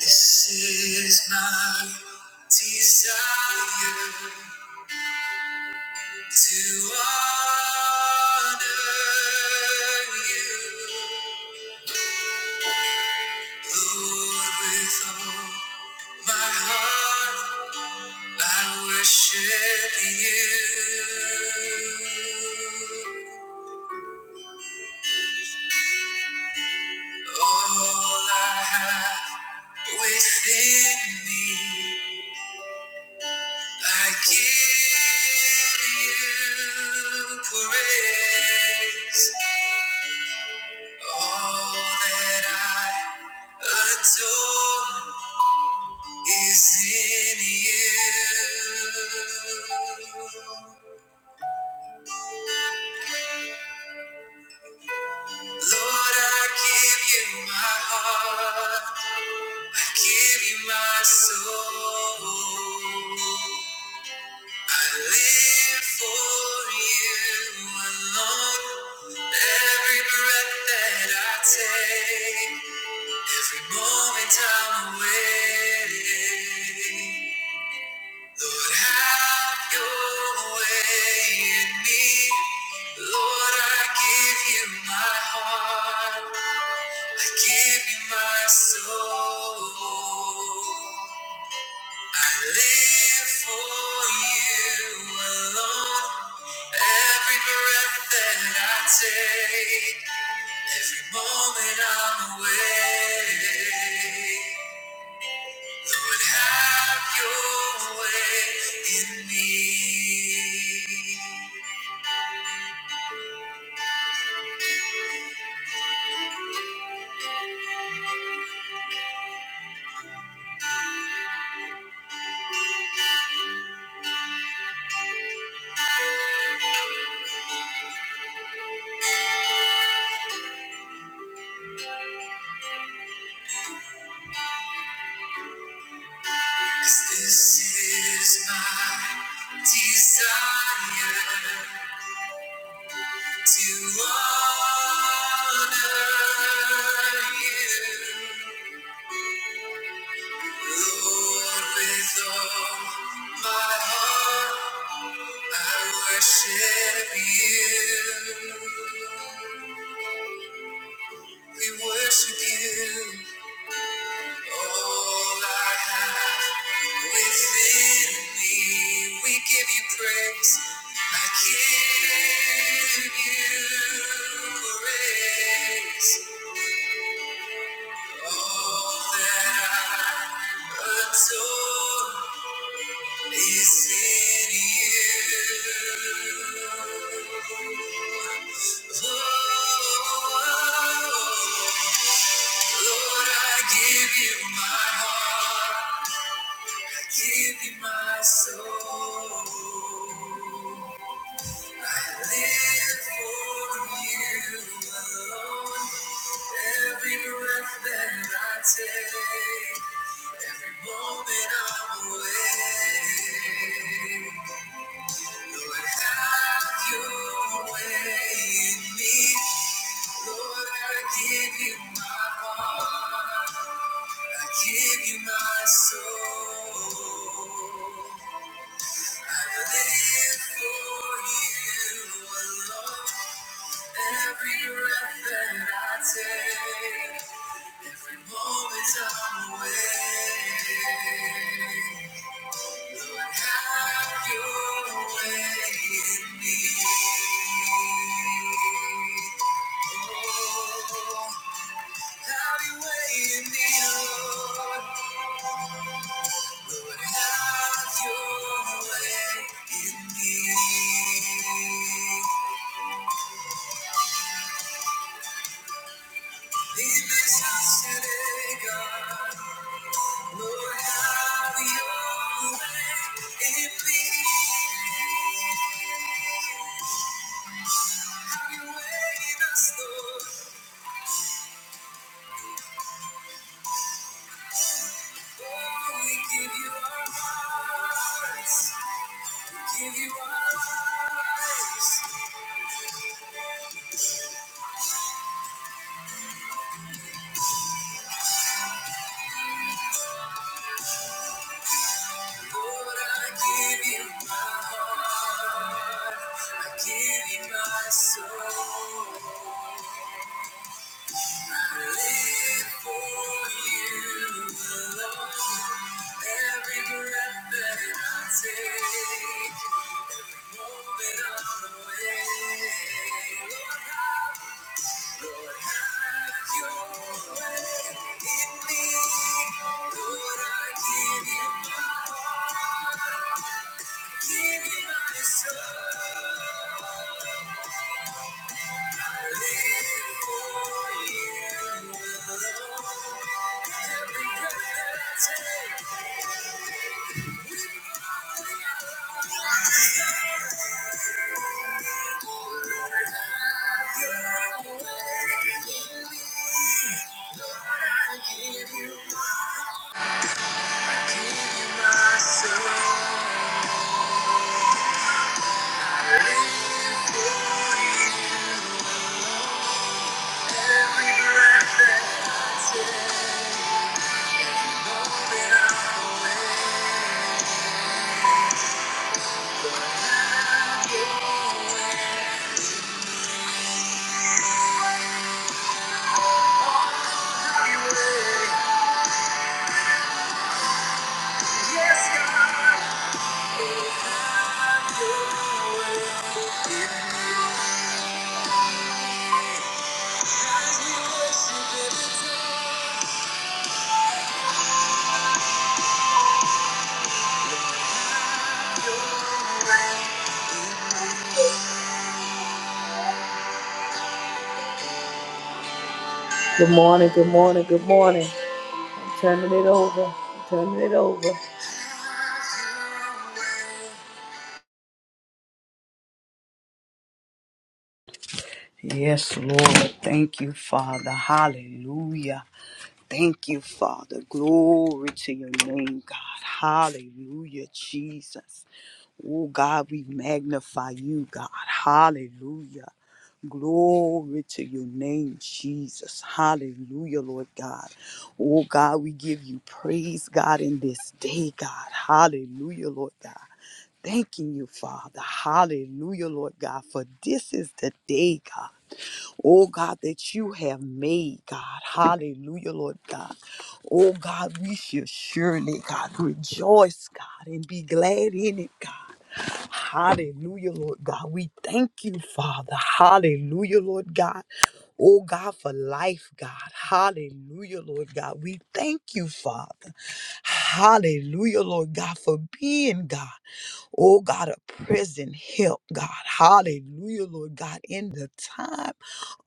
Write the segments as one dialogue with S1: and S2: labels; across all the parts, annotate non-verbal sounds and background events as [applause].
S1: This is my desire to honor you, Lord, with all my heart. I worship you. All I have within me, I give you praise. All that I adore is in you. Lord, I give you my heart. I give you my soul. I live for you alone. Every breath that I take, every moment I'm away. Lord, have your way in me. Lord, I give you my heart. I give you my soul. I live for you alone. Every breath that I take, every moment I'm awake. Lord, have your way in me. 'Cause this is my desire to honor you. Lord, with all my heart, I worship you. We worship you, all I have. Within me, we give you praise. I give you praise. All that I adore is in you. Oh, Lord, I give you my heart. I give you my soul. Live for you alone. Every breath that I take, every moment I'm awake. Lord, have your way in me. Lord, I give you my heart. I give you my soul. I live for you alone. Every breath that I take, moments I'm away. Lord, have your way in me. Oh, have your way in me, Lord. Lord, have your way in me. Leave this house today, God. Lord, have your way in me. Have your way in us, Lord. Oh, we give you our hearts, give you our lives. Lord, I give you my heart, I give you my soul. I live for you alone. Every breath that I take. Give me my soul. Thank you. Good morning, good morning, good morning. I'm turning it over. I'm turning it over.
S2: Yes, Lord. Thank you, Father. Hallelujah. Thank you, Father. Glory to your name, God. Hallelujah, Jesus. Oh, God, we magnify you, God. Hallelujah. Glory to your name, Jesus. Hallelujah, Lord God. Oh, God, we give you praise, God, in this day, God. Hallelujah, Lord God. Thanking you, Father. Hallelujah, Lord God, for this is the day, God. Oh God, that you have made, God. Hallelujah, Lord God. Oh God, we should surely, God, rejoice, God, and be glad in it, God. Hallelujah, Lord God. We thank you, Father. Hallelujah, Lord God. Oh God, for life, God. Hallelujah, Lord God. We thank you, Father. Hallelujah, Lord God, for being God. Oh God, a present help, God. Hallelujah, Lord God, in the time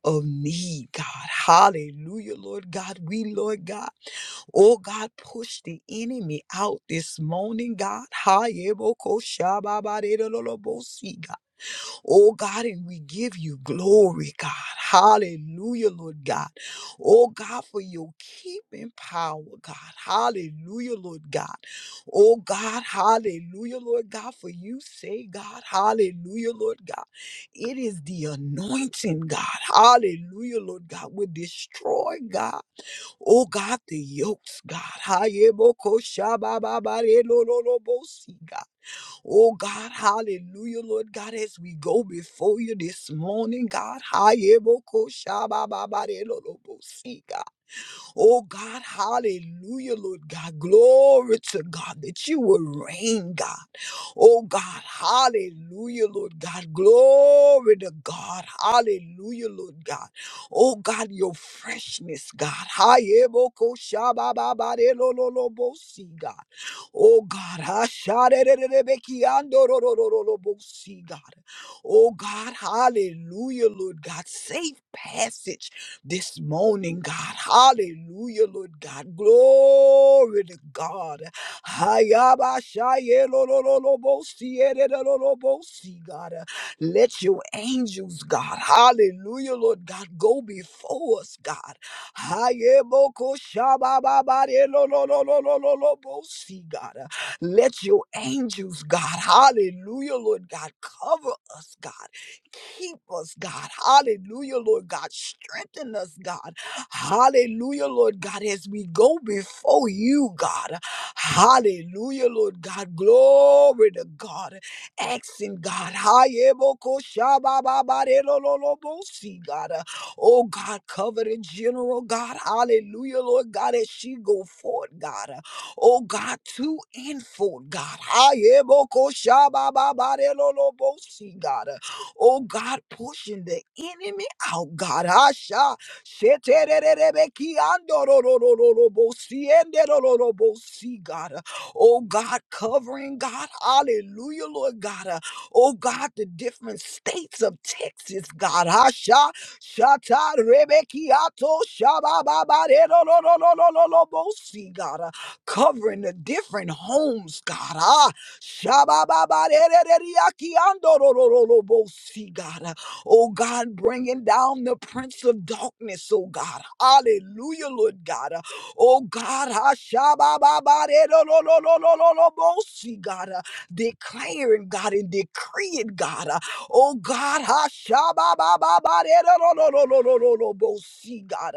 S2: of need, God. Hallelujah, Lord God. We, Lord God, oh God, push the enemy out this morning, God. Hayebokoshababaredololobosi, God. Oh God, and we give you glory, God. Hallelujah, Lord God. Oh God, for your keeping power, God. Hallelujah, Lord God. Oh God, hallelujah, Lord God, for you say, God, hallelujah, Lord God. It is the anointing, God. Hallelujah, Lord God, will destroy, God. Oh God, the yokes, God. Hayebokoshabababarelololobosi, God. Oh God, hallelujah, Lord God, as we go before you this morning, God, hi, ebo, ko, ba, ba, ba, de, lo, lo, bo, si, God. Oh God, hallelujah, Lord God. Glory to God that you will reign, God. Oh God, hallelujah, Lord God. Glory to God. Hallelujah, Lord God. Oh God, your freshness, God. Hayeboko shabababare lo lo lo bo si, God. Oh God, hasharererebeki ando ro ro ro ro lo bo si, God. Oh God, hallelujah, Lord God. Safe passage this morning, God. Hallelujah, Lord God. Glory to God. Hayabashaye lo lo lo lo bo si e de de lo lo bo si, God. Let your angels, God. Hallelujah, Lord God. Go before us, God. Haye bo ko sha ba ba ba de lo lo lo lo lo lo lo bo si, God. Let your angels, God. Hallelujah, Lord God. Cover us, God. Keep us, God. Hallelujah, Lord God. Strengthen us, God. Hallelujah, Lord God, as we go before you, God. Hallelujah, Lord God. Glory to God. Asking God. Hayebokoshabababarelolobosi, God. Uh, Oh God, covered in general, God. Hallelujah, Lord God, as she go forth, God. Uh, Oh God, to and forth, God. Hayebokoshabababarelolobosi, God. Uh, Oh God, pushing the enemy out, God. Asha. shetererebeki andororororobo, sienderororobo, See, God. Oh God, covering God. Hallelujah, Lord God. Uh, Oh God, the different states of Texas, God. Asha. Shata rebekiato shabababarerororororobo, See, God. Uh, Covering the different homes, God. Ah, Shabababarereriakiandorororobosi, God. Oh God, bringing down the prince of darkness, oh God. Hallelujah, Lord God. Oh God, Ashabababarerororororobosi, God. Declaring, God, and decreeing, God. Oh God, Ashabababarerororororobosi, God.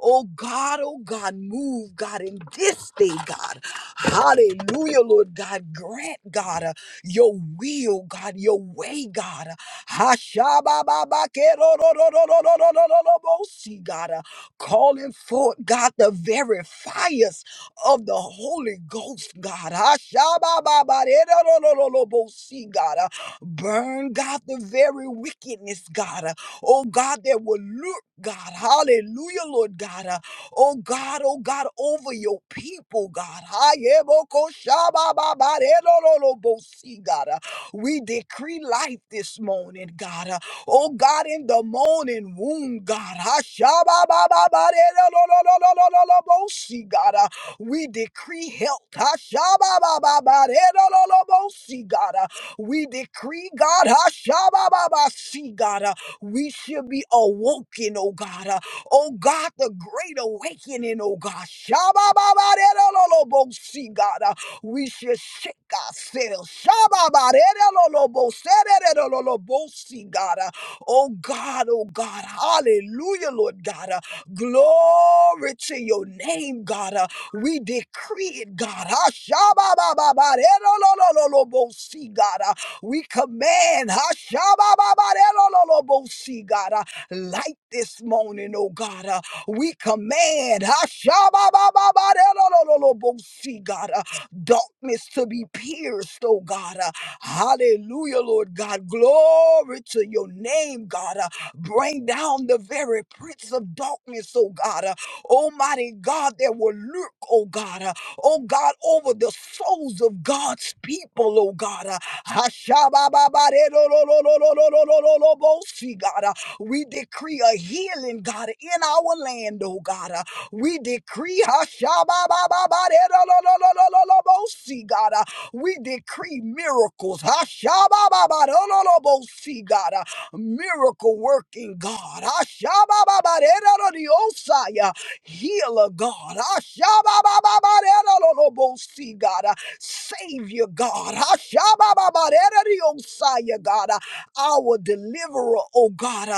S2: Oh God, oh God, move, God, in this day, God. Hallelujah, Lord God. Grant, God, uh, your will, God, your way, God. Hashabababakerororororororororobosi, God, uh, calling forth, God, the very fires of the Holy Ghost, God. Hashabababakerorororororobosi, God, uh, burn, God, the very wickedness, God. uh, oh, God, that will look God. Hallelujah, Lord God. uh, oh God, oh God, over your people, God. Hayebokoshabababarelololobosi, God. Uh, We decree life this morning, God. Uh, Oh God, in the morning womb, God. Hashabababarelolololololobosi, God. Uh, We decree health. Hashabababarelolololobosi, God. Uh, We decree, God. Hashabababasi, God. Uh, We should be awoken, oh God. Oh God, the great awakening, oh God. Shabababaderelolobosi, God, uh, we should shake ourselves. Shababadereloloboserelololobosi, God. uh, Oh God, oh God. Hallelujah, Lord God. uh, Glory to your name, God. uh, We decree it, God. Ah, shabababaderelololobosi, God. uh, We command. ah, shabababaderelolobosi, God light this morning, oh God. Uh, we command Hashababababadelololobosi, God, uh, darkness to be pierced, oh God. Uh, hallelujah, Lord God. Glory to your name, God. Uh, bring down the very prince of darkness, oh God. Uh, Almighty God, that will lurk, oh God. Uh, oh God, over the souls of God's people, oh God. Uh, Hashabababadelololololololobosi, God. We decree a healing, God, in our land, oh God. Uh, We decree, Hashababababadadadadadadadadabosi, God. Uh, We decree miracles. Hashabababadadadadabosi, God. Uh, Miracle working, God. Hashabababadadadadadadosai, uh, Healer, God. Hashababababadadadadadabosi, God. Uh, Savior, God. Hashabababadadadadadosai, God. Uh, Our deliverer, oh God. uh,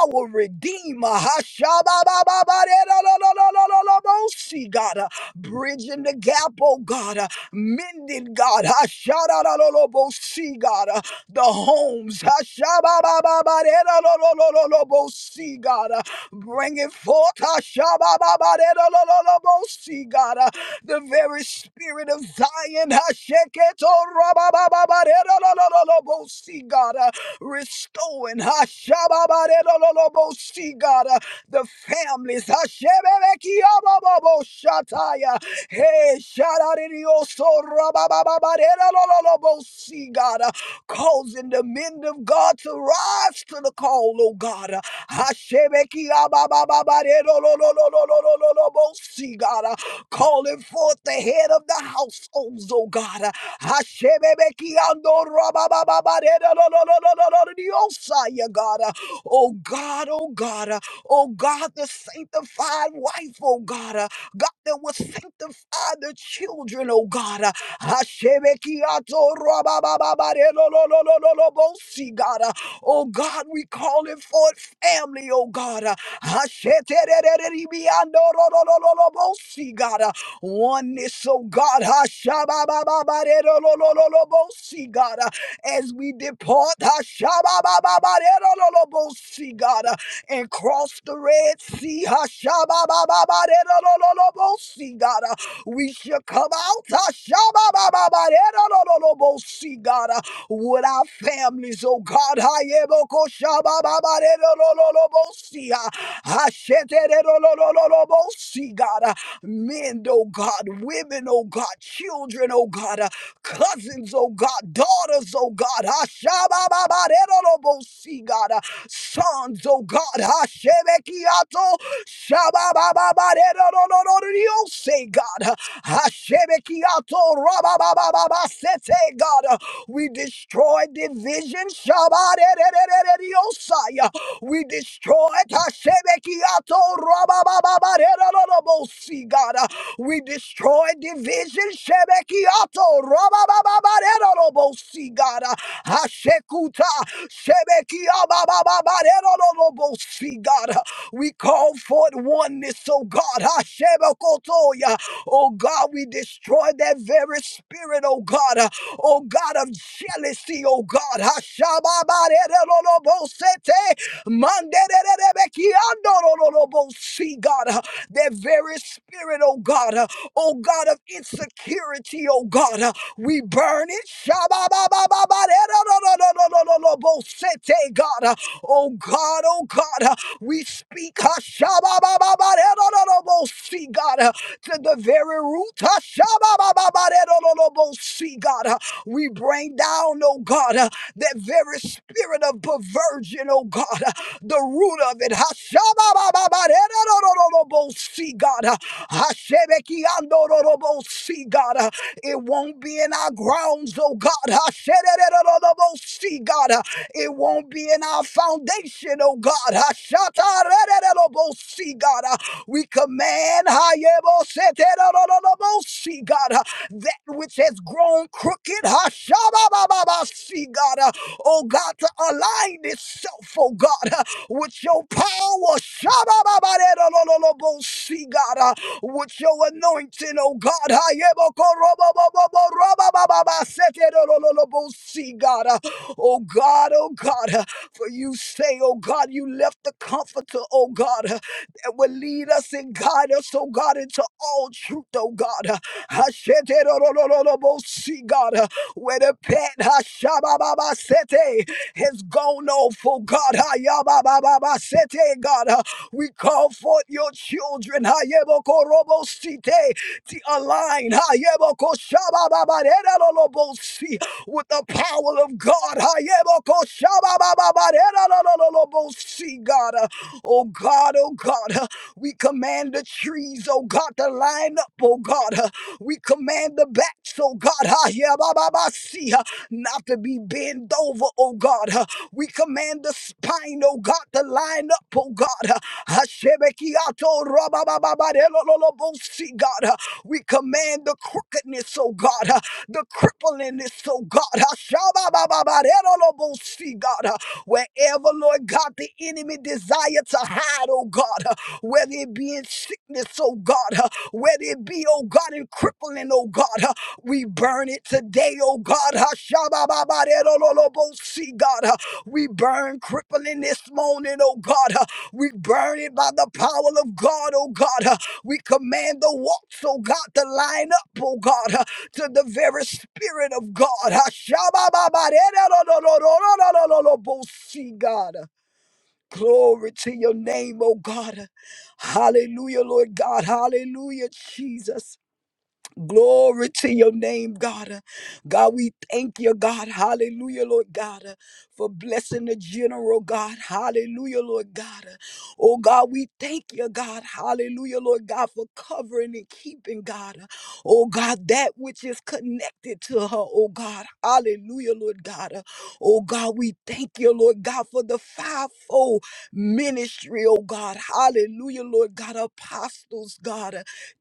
S2: our Redeemer. Hashababababaderolololololobosi, God, uh, bridging the gap, oh God, uh, mending God, Hashadarololobosi, God, uh, the homes, Hashababababaderololololobosi, God, uh, bringing forth, Hashabababaderolololobosi, God, uh, the very spirit of Zion, Hasheketorababababadero, God, restoring Hashababaredololobosi, God, uh, the families. Hashebebekiabababoshataya. Hey, Shadadidiosorabababaredololobosi, God, uh, causing the men of God to rise to the call, oh God. uh, Hashebekiabababaredolololololololobosi, God, uh, calling forth the head of the households, oh God. uh, Oh God, oh God, oh God, the sanctified wife. Oh God, God that would sanctify the children. Oh God, oh God, we calling for family. Oh God, oh God, we calling for family oneness, oh God. Hashababababarerolololobosi, God, uh, as we depart, Hashababababarerolololobosi, God, uh, and cross the Red Sea, Hashababababarerolololobosi, God, uh, we shall come out, Hashababababarerolololobosi, God, uh, with our families, oh God. Hayebokoshabababarerolololobosi, uh, Hashetererolololobosi, God men, oh God, women, oh God, children, oh God, uh, cousins, oh God, daughters, oh God, Ashabababarerobosi, God, uh, sons, oh God, Hashebekiato, Shabababarerobosi, God, uh, Hashebekiato, Rababababasete, God, uh, we destroy division, Shabarererererosai, we destroy it. Hashemekiato rababababarerorobosi, God. Uh, We destroy division. Shemekiato rababababarerorobosi, God. Uh, Hashekuta shemekiababababarerorobosi, God. Uh, We call forth oneness, oh God. Hashemekotoya. Oh God, we destroy that very spirit, oh God. Uh, Oh God of jealousy, oh God. Hashababarerorobosete. See, God, uh, that very spirit, oh God, uh, oh God of insecurity, oh God, uh, we burn it. Shabba-ba-ba-ba-ba-da-da-da-da-da-da-da-bo-sete, God, uh, oh God, oh God, uh, we speak uh, shabba-ba-ba-ba-da-da-da-da-bo-see, God, uh, to the very root. uh, shabba-ba-ba-ba-da-da-da-da-bo-see, God, uh, we bring down, oh God that very spirit of perversion, oh God, uh, the root of it. see God, uh, Hashebekiandororobosi, God, uh, it won't be in our grounds, oh God. Hasherererorobosi, God, uh, it won't be in our foundation, oh God. Hashatarererorobosi, God, uh, we command Hayeboseterororobosi, God, uh, that which has grown crooked see God, uh, oh God, to align itself, oh God, uh, with your power, see God, uh, with your anointing, oh God, see God, uh, oh God, oh God, uh, for you say, oh God, you left the comforter, oh God, uh, that will lead us and guide us, oh God, into all truth, oh God. uh, Hasheterorororobosi, God where the pet Hashabababa Sete has gone off, oh God, Hayabababa Sete, God. Uh, We call forth your children, Hayeboko Robo Sete, to align, Hayeboko Shabababa Deralolobo Si, with the power of God, Hayeboko Shabababa Deralolobo Si, God. Uh, Oh God, oh God, uh, we command the trees, oh God, to line up, oh God. uh, We command the backs, oh God, ah, yeah, ba, ba, ba, see, uh, not to be bent over, oh God. uh, We command the spine, oh God, to line up, oh God. uh, Hashebekiato, ra, ba, ba, ba, ba, de, lo, lo, lo, bo, see, God. uh, We command the crookedness, oh God, uh, the cripplingness, oh God. uh, sha, ba, ba, ba, ba, de, lo, lo, bo, see, God. uh, Wherever, Lord God, the enemy desire to hide, oh God, uh, whether it be in sickness, oh God, uh, whether it be, oh God, in crippling, oh God, uh, we burn it today, oh God. uh, shabba God, uh, we burn crippling this morning, oh God. uh, We burn it by the power of God, oh God. uh, We command the walks, oh God, to line up, oh God. uh, to the very spirit of God. see God. Glory to your name, oh God. Hallelujah, Lord God. Hallelujah, Jesus. Glory to your name, God. Uh, God, we thank you, God. Hallelujah, Lord God, uh, for blessing the general, God. Hallelujah, Lord God. Uh, Oh, God, we thank you, God. Hallelujah, Lord God, for covering and keeping, God. Uh, Oh, God, that which is connected to her, oh, God. Hallelujah, Lord God. Uh, Oh, God, we thank you, Lord God, for the fivefold ministry, oh, God. Hallelujah, Lord God. Apostles, God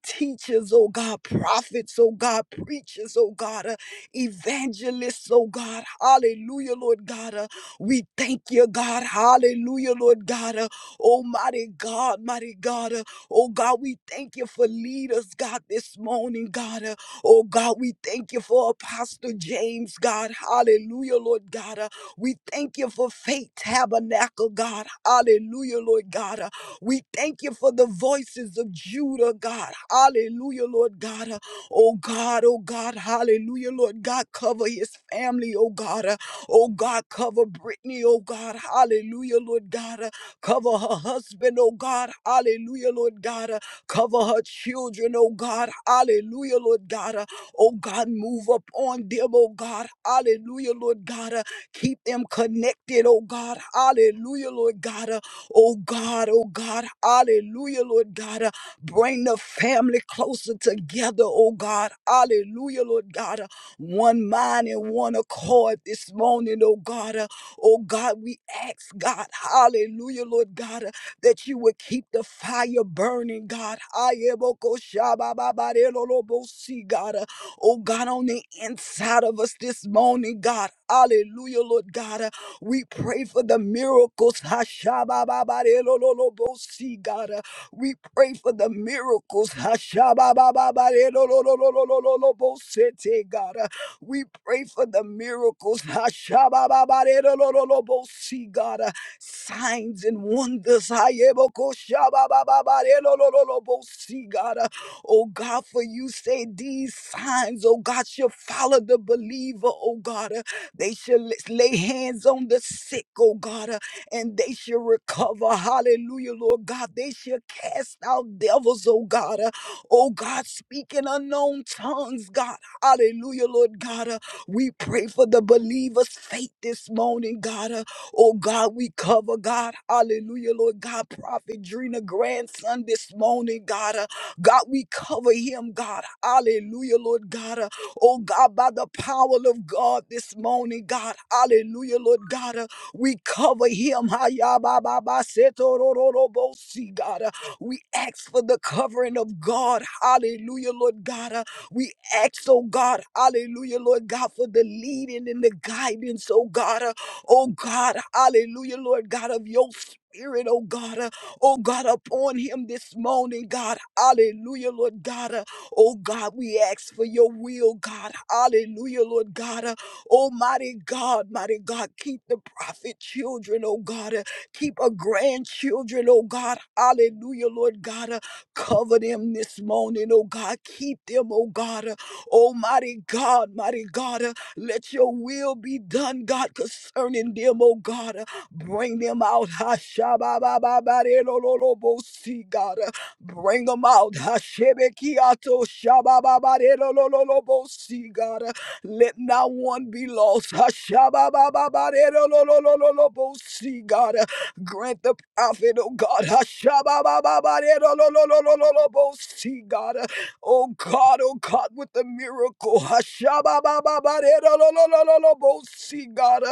S2: teachers, oh God, prophets, oh God, preachers, oh God, uh, evangelists, oh God, hallelujah, Lord God. uh, we thank you, God, hallelujah, Lord God, uh, almighty God, mighty God, uh, oh God, we thank you for leaders, God, this morning, God, uh, oh God, we thank you for Apostle James, God, hallelujah, Lord God, uh, we thank you for Faith Tabernacle, God, hallelujah, Lord God, uh, we thank you for the voices of Judah, God. Hallelujah, Lord God. Oh God, oh God, hallelujah, Lord God. Cover his family, oh God. Oh God, cover Brittany, oh God. Hallelujah, Lord God. Cover her husband, oh God. Hallelujah, Lord God. Cover her children, oh God. Hallelujah, Lord God. Oh God, move up on them, oh God. Hallelujah, Lord God. Keep them connected, oh God. Hallelujah, Lord God. Oh God, oh God, hallelujah, Lord God. Uh, Bring the family closer together, oh God, hallelujah, Lord God. Uh, One mind and one accord this morning, oh God. Uh, Oh God, we ask God, hallelujah, Lord God, uh, that you would keep the fire burning, God. Ayebokoshabababarelolobosi, God. Uh, Oh God, on the inside of us this morning, God, hallelujah, Lord God. uh, we pray for the miracles. Hashabababarelololobosi, God. Uh, We pray for the miracles. Hashabababarelololololobosete, God. Uh, We pray for the miracles. Hashabababarelolololobosi, God. Uh, Signs and wonders. Hayebokoshabababarelolololobosi, God. Uh, Oh God, for you say these signs, oh God, shall follow the believer, oh God. They shall l- lay hands on the sick, oh God, uh, and they shall recover. Hallelujah, Lord God. They shall cast out devils, oh God. uh, Oh God, speak in unknown tongues, God. Hallelujah, Lord God. uh, We pray for the believer's faith this morning, God. uh, Oh God, we cover, God. Hallelujah, Lord God. Prophet Drina grandson this morning, God. uh, God, we cover him, God. Hallelujah, Lord God. uh, Oh God, by the power of God this morning, God, hallelujah, Lord God, uh, we cover him. Hayabababasetorororobosi, God, uh, we ask for the covering of God. Hallelujah, Lord God. uh, we ask, oh God, hallelujah, Lord God, for the leading and the guidance, oh God, uh, oh God, hallelujah, Lord God, of your spirit, oh God, uh, oh God, upon him this morning, God, hallelujah, Lord God, uh, Oh God, we ask for your will, God. Hallelujah, Lord God. Uh, Almighty God, mighty God, keep the prophet children, oh God. Uh, Keep our grandchildren, oh God. Hallelujah, Lord God. Uh, Cover them this morning, oh God. Keep them, oh God. Uh, Almighty God, mighty God. Uh, Let your will be done, God, concerning them, oh God. Uh, Bring them out. [laughs] Ha, sha, ba, ba, ba, ba, de, lo, lo, lo, bo, see, God. Uh, Bring them out. Hashebekiato shabababarelololobosi, God. Let not one be lost. Hashabababarelolololobosi, God. Grant the prophet, oh God. Hashabababarelolololobosi, God. Oh God, oh God, with the miracle. Hashabababarelolololobosi, God.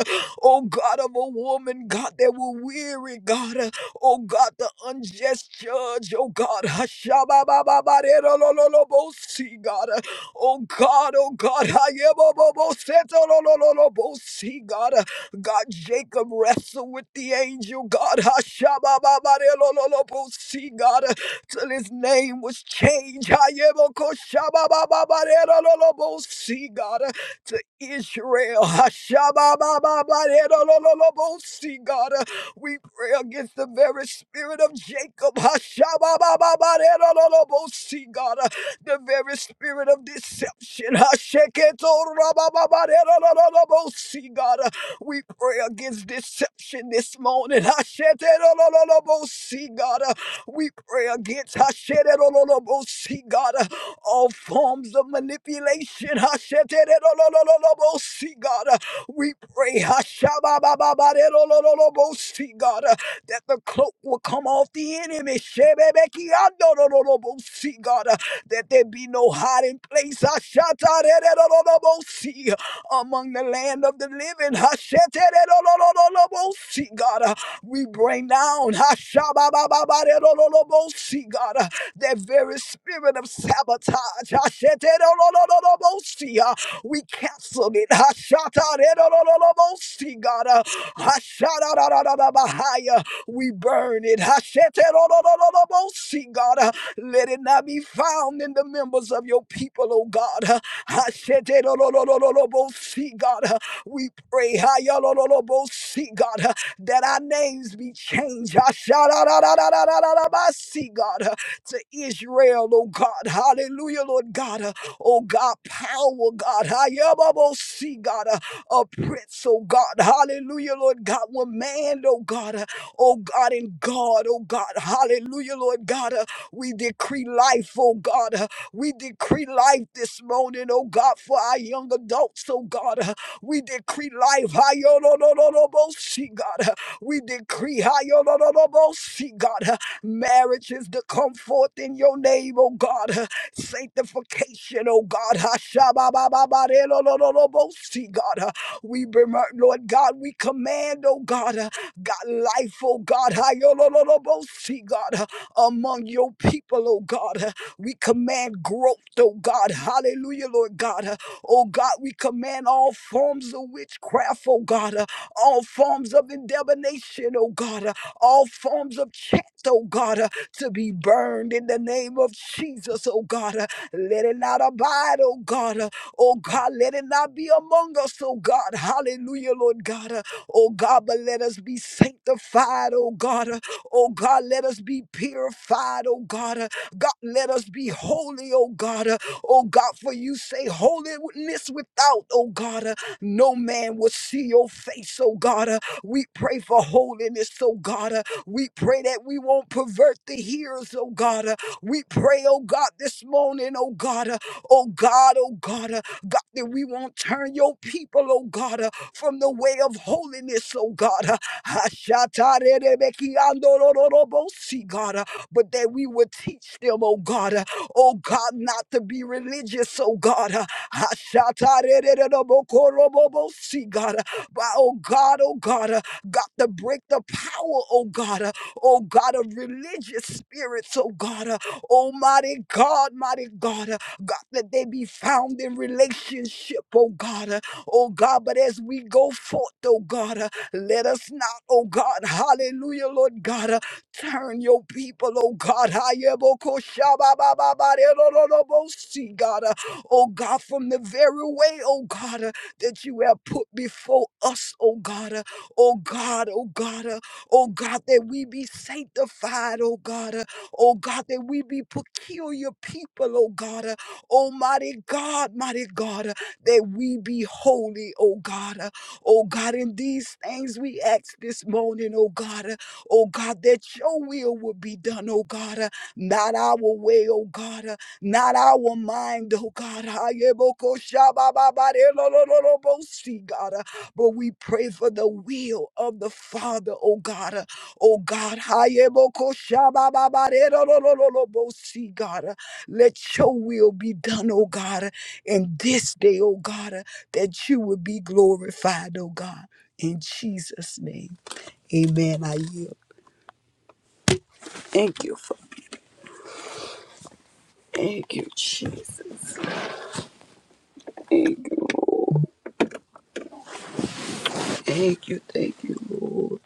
S2: Oh God of a woman, God, that were weary, God. Oh God, the unjust judge. Oh God, Hashababababarerolololobosi, God. Oh God, oh God, Hayebobobosetolololobosi, God. God, Jacob wrestled with the angel, God, Hashabababarerolololobosi, God, till his name was changed, Hayebokoshababababarerolololobosi, God, to Israel, Hashababababarerolololobosi, God. We pray against the very spirit of Jacob. Hashababababaderolobosi, God, uh, the very spirit of deception. Hasheketorabababababderolobosi, God, uh, we pray against deception this morning. Hasheterolobosi, God, uh, we pray against Hasheterolobosi, God, uh, all forms of manipulation. Hasheterolobosi, God, uh, we pray, Hashababababarerolololobosi, God, uh, that the cloak will come off the enemy. Shebebekiandolololobosi, God, uh, that there be no hiding place. Hashatarerolololobosi, Among the land of the living. Hashetererolololobosi, God, uh, we bring down Hashababababarerolololobosi, God, uh, that very spirit of sabotage. Hasheterolololobosi, uh, we canceled it. Hashatarerororobosi, God. Uh, Hashatararararabahaya. We burn it. Hashetarorororobosi, God. Uh, Let it not be found in the members of your people, oh God. Uh, Hashetarorororobosi, God. Uh, We pray Hayalororobosi, God, uh, that our names be changed. Hashatarararararabasi, God. uh, To Israel, oh God. Hallelujah, Lord God. Uh, oh God, power, God, see God, uh, a prince, oh God, hallelujah, Lord God, one man, oh God, uh, oh God, and God, oh God, hallelujah, Lord God, uh, we decree life, oh God, uh, we decree life this morning, oh God, for our young adults, oh God, uh, we decree life, see God, uh, we decree, see God, uh, marriages to come forth in your name, oh God sanctification, oh God. Hashababababarelololobosi, God. Uh, We, bemer- Lord God, we command, oh God, uh, God, life, oh God. Hayololobosi, God, uh, among your people, oh God. Uh, We command growth, oh God. Hallelujah, Lord God. Uh, Oh God, we command all forms of witchcraft, oh God. Uh, All forms of endevination, oh God. Uh, All forms of chat, oh God. uh, to be burned in the name of Jesus, oh God. Uh, Let it not abide, oh God. Uh, Oh God, let it not be among us, oh God. Hallelujah, Lord God. Uh, Oh God, but let us be sanctified, oh God. Uh, Oh God, let us be purified, oh God. Uh, God, let us be holy, oh God. Uh, Oh God, for you say holiness without, oh God. uh, No man will see your face, oh God. Uh, We pray for holiness, oh God. Uh, we pray that we won't pervert the hearers, oh God. Uh, We pray, oh God, this morning, oh God, uh, oh God, oh God, uh, God, that we won't turn your people, oh God, uh, from the way of holiness, oh God. uh, Ashatarerebekiandorororobosi, God, uh, but that we would teach them, oh God, uh, oh God, not to be religious, oh God. uh, Ashatarererebokorobobosi, God, uh, but oh God, oh God, uh, God, to break the power, oh God, uh, oh God, of religious spirits, oh God, uh, almighty God, mighty God, uh, God, that they be found in relationship, oh God, uh, oh God, but as we go forth, oh God, uh, let us not, oh God, hallelujah, Lord God, uh, turn your people, oh God, hayebokoshababababarelolobosi, God, uh, oh God, from the very way, oh God, uh, that you have put before us, oh God, uh, oh God, oh God, uh, oh God, that we be sanctified, oh God, uh, oh God, that we be peculiar people, oh God, uh, almighty God, mighty God, uh, that we be holy, oh God, uh, oh God, in these things we ask this morning, oh God, uh, oh God, that your will will be done, oh God, uh, not our way, oh God. uh, Not our mind, oh God. Ayebokoshabababarelololobosi, God. uh, But we pray for the will of the Father, oh God. uh, Oh God. Ayebokoshabababarelololobosi, God. uh, Let your will be done, oh God. uh, And this day, oh God, uh, that you would be glorified, oh God. In Jesus' name. Amen. I yield. Thank you, Father. Thank you, Jesus. Thank you, Lord. Thank you, thank you, Lord.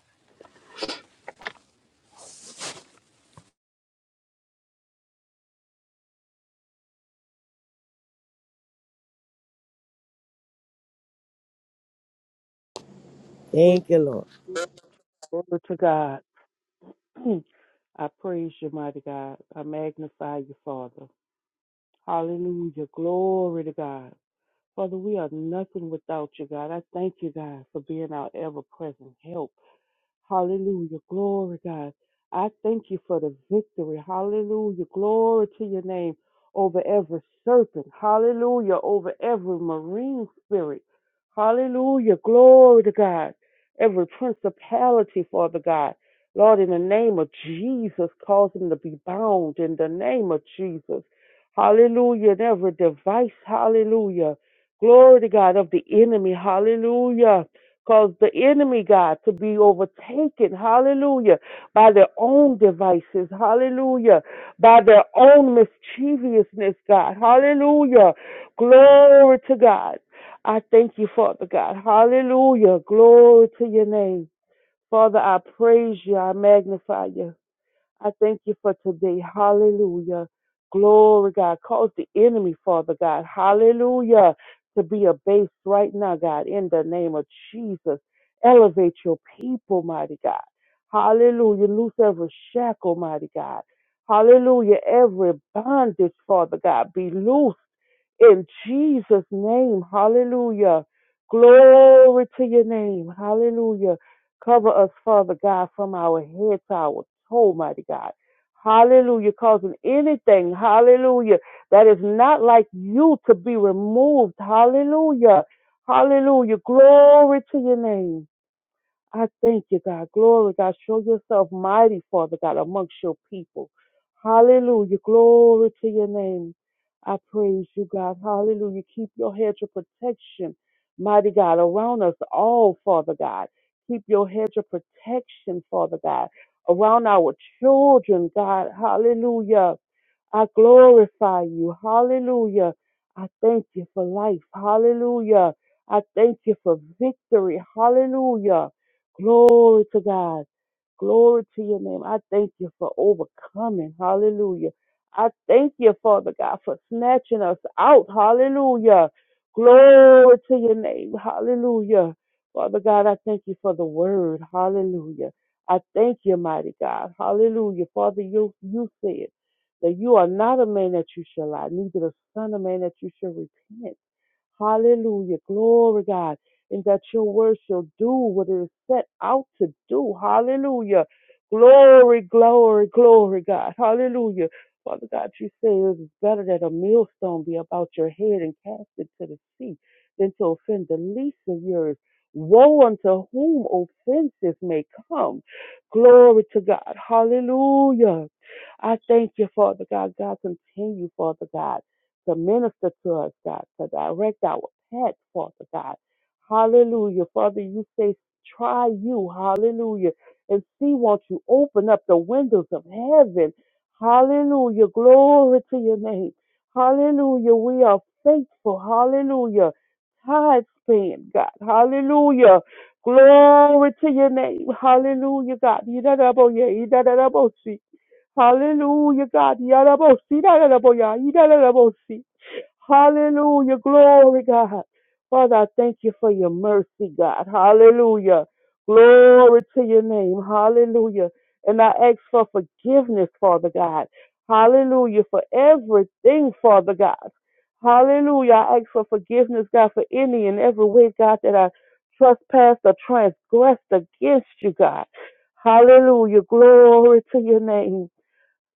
S3: Thank you, Lord.
S4: Glory to God. [clears throat] I praise you, mighty God. I magnify you, Father. Hallelujah. Glory to God. Father, we are nothing without you, God. I thank you, God, for being our ever present help. Hallelujah. Glory, God. I thank you for the victory. Hallelujah. Glory to your name over every serpent. Hallelujah. Over every marine spirit. Hallelujah. Glory to God. Every principality, Father God. Lord, in the name of Jesus, cause them to be bound in the name of Jesus. Hallelujah. And every device, hallelujah. Glory to God of the enemy. Hallelujah Cause the enemy, God, to be overtaken, hallelujah, by their own devices, hallelujah, by their own mischievousness, God, hallelujah. Glory to God. I thank you, Father God, hallelujah. Glory to your name. Father, I praise you, I magnify you. I thank you for today. Hallelujah. Glory, God. Cause the enemy, Father God. Hallelujah. To be abased right now, God, in the name of Jesus. Elevate your people, mighty God. Hallelujah. Loose every shackle, mighty God. Hallelujah. Every bondage, Father God, be loose. In Jesus' name, hallelujah. Glory to your name, hallelujah. Cover us, Father God, from our head to our toe, mighty God. Hallelujah. Causing anything, hallelujah, that is not like you to be removed, hallelujah. Hallelujah. Glory to your name. I thank you, God. Glory, God. Show yourself mighty, Father God, amongst your people. Hallelujah. Glory to your name. I praise you, God. Hallelujah. Keep your hedge of protection, mighty God, around us all, Father God. Keep your hedge of protection, Father God, around our children, God. Hallelujah. I glorify you. Hallelujah. I thank you for life. Hallelujah. I thank you for victory. Hallelujah. Glory to God. Glory to your name. I thank you for overcoming. Hallelujah. I thank you, Father God, for snatching us out. Hallelujah. Glory to your name. Hallelujah. Father God, I thank you for the word. Hallelujah. I thank you, mighty God. Hallelujah. Father, you, you said that you are not a man that you shall lie, neither the son of man that you shall repent. Hallelujah. Glory, God. And that your word shall do what it is set out to do. Hallelujah. Glory, glory, glory, God. Hallelujah. Father God, you say it is better that a millstone be about your head and cast it to the sea than to offend the least of yours. Woe unto whom offenses may come. Glory to God. Hallelujah. I thank you, Father God. God, continue, Father God to minister to us, God, to direct our path, Father God. Hallelujah. Father, you say, try you, hallelujah, and see, won't you open up the windows of heaven? Hallelujah. Glory to your name. Hallelujah. We are faithful. Hallelujah. Time spent, God. Hallelujah. Glory to your name. Hallelujah, God. Yidadaboye, yidadabosi. Hallelujah, God. Yadabosi, yadadaboya, yidadabosi. Hallelujah. Glory, God. Father, I thank you for your mercy, God. Hallelujah. Glory to your name. Hallelujah. And I ask for forgiveness, Father God. Hallelujah. For everything, Father God. Hallelujah. I ask for forgiveness, God, for any and every way, God, that I trespassed or transgressed against you, God. Hallelujah. Glory to your name.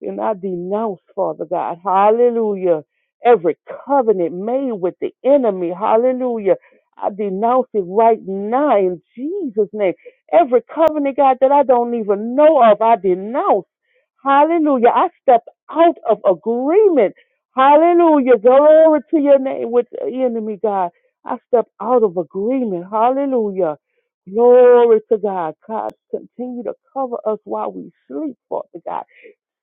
S4: And I denounce, Father God, hallelujah, every covenant made with the enemy, hallelujah. I denounce it right now in Jesus' name. Every covenant, God, that I don't even know of, I denounce. Hallelujah. I step out of agreement. Hallelujah. Glory to your name with the enemy, God. I step out of agreement. Hallelujah. Glory to God. God, continue to cover us while we sleep, Father God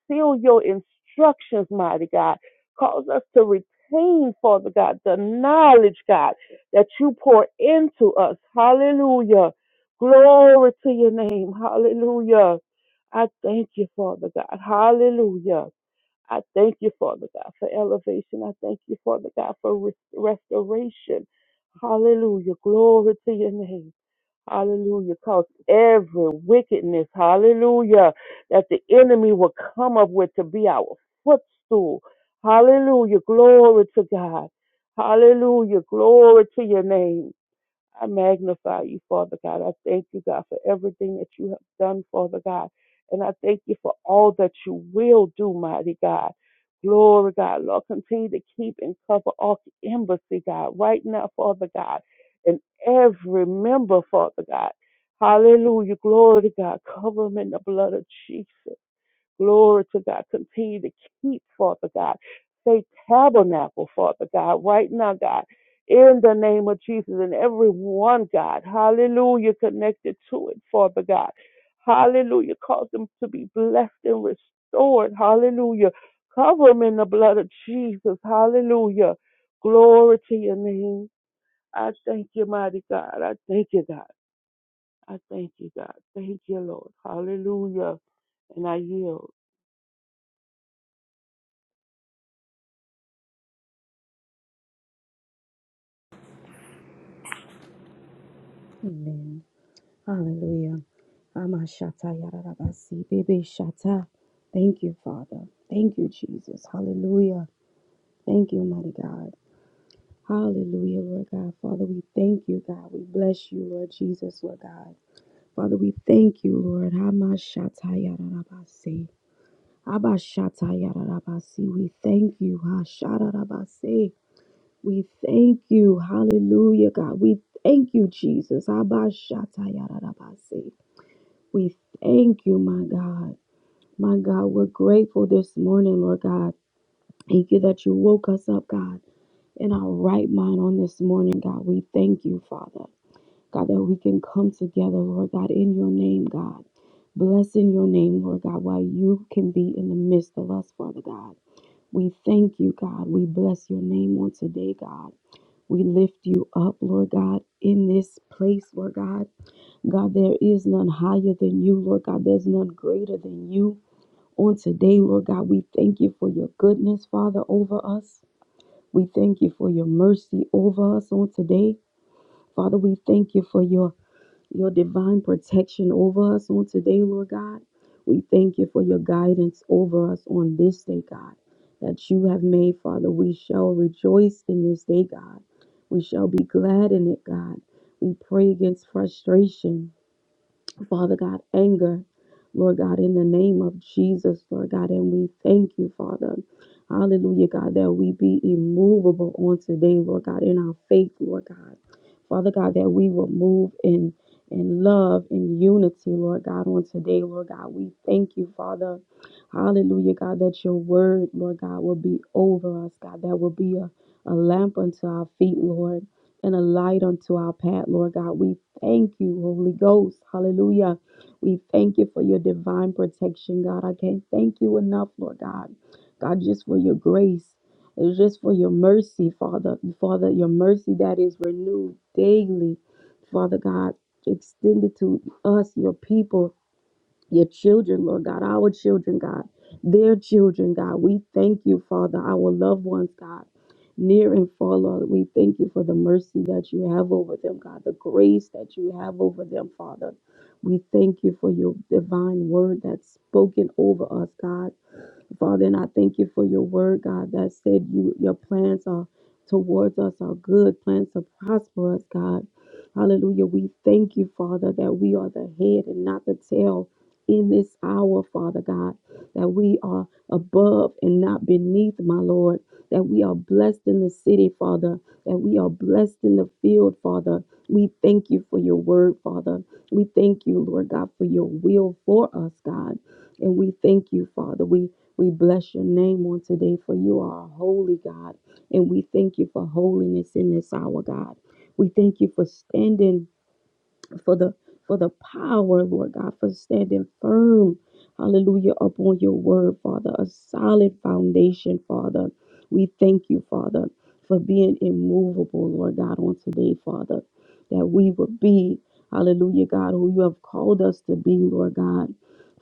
S4: seal your instructions, mighty God. Cause us to retain, Father God, the knowledge, God, that you pour into us. Hallelujah. Glory to your name. Hallelujah. I thank you, Father God. Hallelujah. I thank you, Father God, for elevation. I thank you, Father God, for res- restoration. Hallelujah. Glory to your name. Hallelujah. Cause every wickedness, hallelujah, that the enemy will come up with to be our footstool. Hallelujah. Glory to God. Hallelujah. Glory to your name. I magnify you, Father God. I thank you, God, for everything that you have done, Father God. And I thank you for all that you will do, mighty God. Glory, God. Lord, continue to keep and cover all the embassy, God, right now, Father God. And every member, Father God. Hallelujah. Glory to God. Cover them in the blood of Jesus. Glory to God. Continue to keep, Father God. Say tabernacle, Father God, right now, God. In the name of Jesus and everyone, God. Hallelujah. Connected to it, Father God. Hallelujah. Cause them to be blessed and restored. Hallelujah. Cover them in the blood of Jesus. Hallelujah. Glory to your name. I thank you, mighty God. I thank you, God. I thank you, God. Thank you, Lord. Hallelujah. And I yield.
S5: Amen. Hallelujah. Amashata yararabasi, bebe shata. Thank you, Father. Thank you, Jesus. Hallelujah. Thank you, mighty God. Hallelujah, Lord God. Father, we thank you, God. We bless you, Lord Jesus, Lord God. Father, we thank you, Lord. Amashata yararabasi. Abashata yararabasi. We thank you. Hashararabasi. We thank you. Hallelujah, God. We thank you, Jesus. Abashata yararabasi. We thank you, my God. My God, we're grateful this morning, Lord God. Thank you that you woke us up, God, in our right mind on this morning, God. We thank you, Father. God, that we can come together, Lord God, in your name, God. bless in your name, Lord God, while you can be in the midst of us, Father God. We thank you, God. We bless your name on today, God. We lift you up, Lord God, in this place, Lord God. God, there is none higher than you, Lord God. There's none greater than you. On today, Lord God, we thank you for your goodness, Father, over us. We thank you for your mercy over us on today. Father, we thank you for your, your divine protection over us on today, Lord God. We thank you for your guidance over us on this day, God, that you have made, Father. We shall rejoice in this day, God. We shall be glad in it, God. We pray against frustration. Father God, anger, Lord God, in the name of Jesus, Lord God, and we thank you, Father. Hallelujah, God, that we be immovable on today, Lord God, in our faith, Lord God. Father God, that we will move in in love, in unity, Lord God, on today, Lord God. We thank you, Father. Hallelujah, God, that your word, Lord God, will be over us, God, that will be a, a lamp unto our feet, Lord, and a light unto our path, Lord God. We thank you, Holy Ghost. Hallelujah. We thank you for your divine protection, God. I can't thank you enough, Lord God. God, just for your grace. It was just for your mercy, Father. Father, your mercy that is renewed daily. Father God, extended to us, your people, your children, Lord God, our children, God, their children, God. We thank you, Father, our loved ones, God. Near and far, Lord, we thank you for the mercy that you have over them, God, the grace that you have over them, Father. We thank you for your divine word that's spoken over us, God. Father, and I thank you for your word, God, that said you your plans are towards us are good, plans to prosper us, God. Hallelujah. We thank you, Father, that we are the head and not the tail in this hour, Father God, that we are above and not beneath, my Lord, that we are blessed in the city, Father, that we are blessed in the field, Father. We thank you for your word, Father. We thank you, Lord God, for your will for us, God. And we thank you, Father. We we bless your name on today, for you are a holy God, and we thank you for holiness in this hour, God. We thank you for standing for the for the power, Lord God, for standing firm, hallelujah, upon your word, Father, a solid foundation, Father. We thank you, Father, for being immovable, Lord God, on today, Father, that we will be, hallelujah, God, who you have called us to be, Lord God.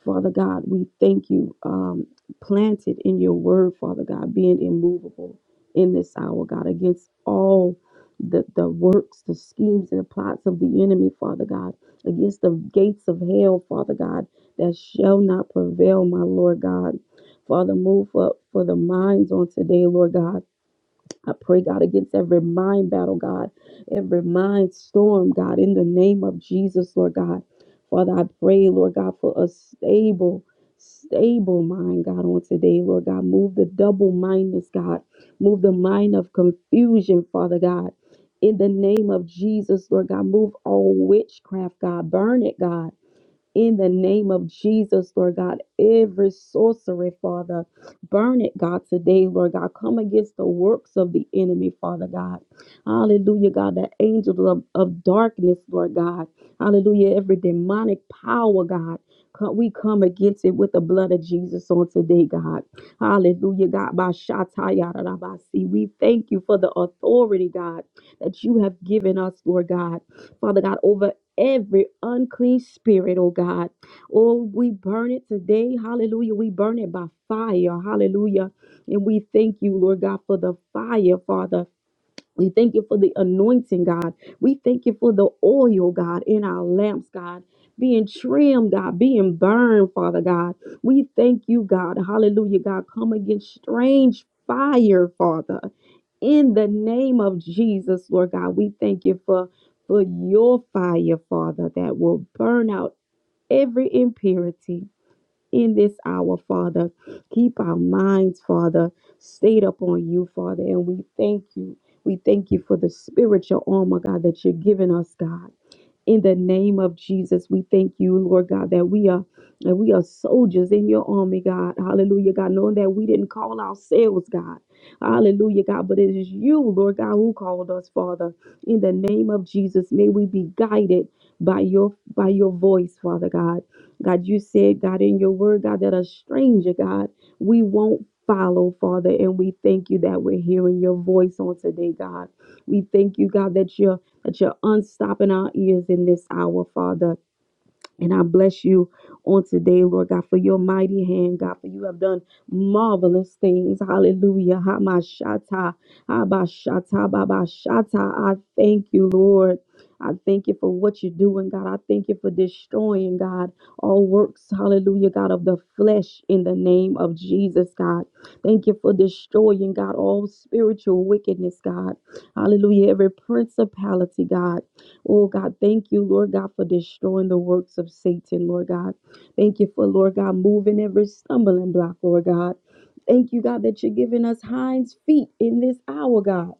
S5: Father God, we thank you, um, planted in your word, Father God, being immovable in this hour, God, against all the, the works, the schemes, and the plots of the enemy, Father God, against the gates of hell, Father God, that shall not prevail, my Lord God. Father, move up for the minds on today, Lord God. I pray, God, against every mind battle, God, every mind storm, God, in the name of Jesus, Lord God. Father, I pray, Lord God, for a stable, stable mind, God, on today, Lord God. Move the double mindedness, God. Move the mind of confusion, Father God. In the name of Jesus, Lord God, move all witchcraft, God. Burn it, God in the name of Jesus, Lord God. Every sorcery, Father, burn it, God, today, Lord God. Come against the works of the enemy, Father God. Hallelujah, God. The angels of, of darkness, Lord God. Hallelujah. Every demonic power, God. co- We come against it with the blood of Jesus on today, God. Hallelujah, God. By Shataya We thank you for the authority, God, that you have given us, Lord God. Father God, over every unclean spirit, oh God. Oh, we burn it today. Hallelujah. We burn it by fire. Hallelujah. And we thank you, Lord God, for the fire, Father. We thank you for the anointing, God. We thank you for the oil, God, in our lamps, God. Being trimmed, God, being burned, Father God. We thank you, God. Hallelujah, God. Come against strange fire, Father. In the name of Jesus, Lord God, we thank you for, for your fire, Father, that will burn out every impurity in this hour, Father. Keep our minds, Father, stayed upon you, Father. And we thank you. We thank you for the spiritual armor, God, that you're giving us, God in the name of Jesus. We thank you, Lord God, that we are that we are soldiers in your army, God. Hallelujah, God, knowing that we didn't call ourselves, God. Hallelujah, God, but it is you, Lord God, who called us, Father. In the name of Jesus, may we be guided by your by your voice, Father God. God, you said, God, in your word, God, that a stranger, God, we won't follow, Father, and we thank you that we're hearing your voice on today, God. We thank you, God, that you're that you're unstopping our ears in this hour, Father. And I bless you on today, Lord God, for your mighty hand, God, for you have done marvelous things. Hallelujah. Hamashata, Abashata, Babashata. I thank you, Lord. I thank you for what you're doing, God. I thank you for destroying, God, all works, hallelujah, God, of the flesh in the name of Jesus, God. Thank you for destroying, God, all spiritual wickedness, God. Hallelujah. Every principality, God. Oh God, thank you, Lord God, for destroying the works of Satan, Lord God. Thank you for, Lord God, moving every stumbling block, Lord God. Thank you, God, that you're giving us hinds feet in this hour, God.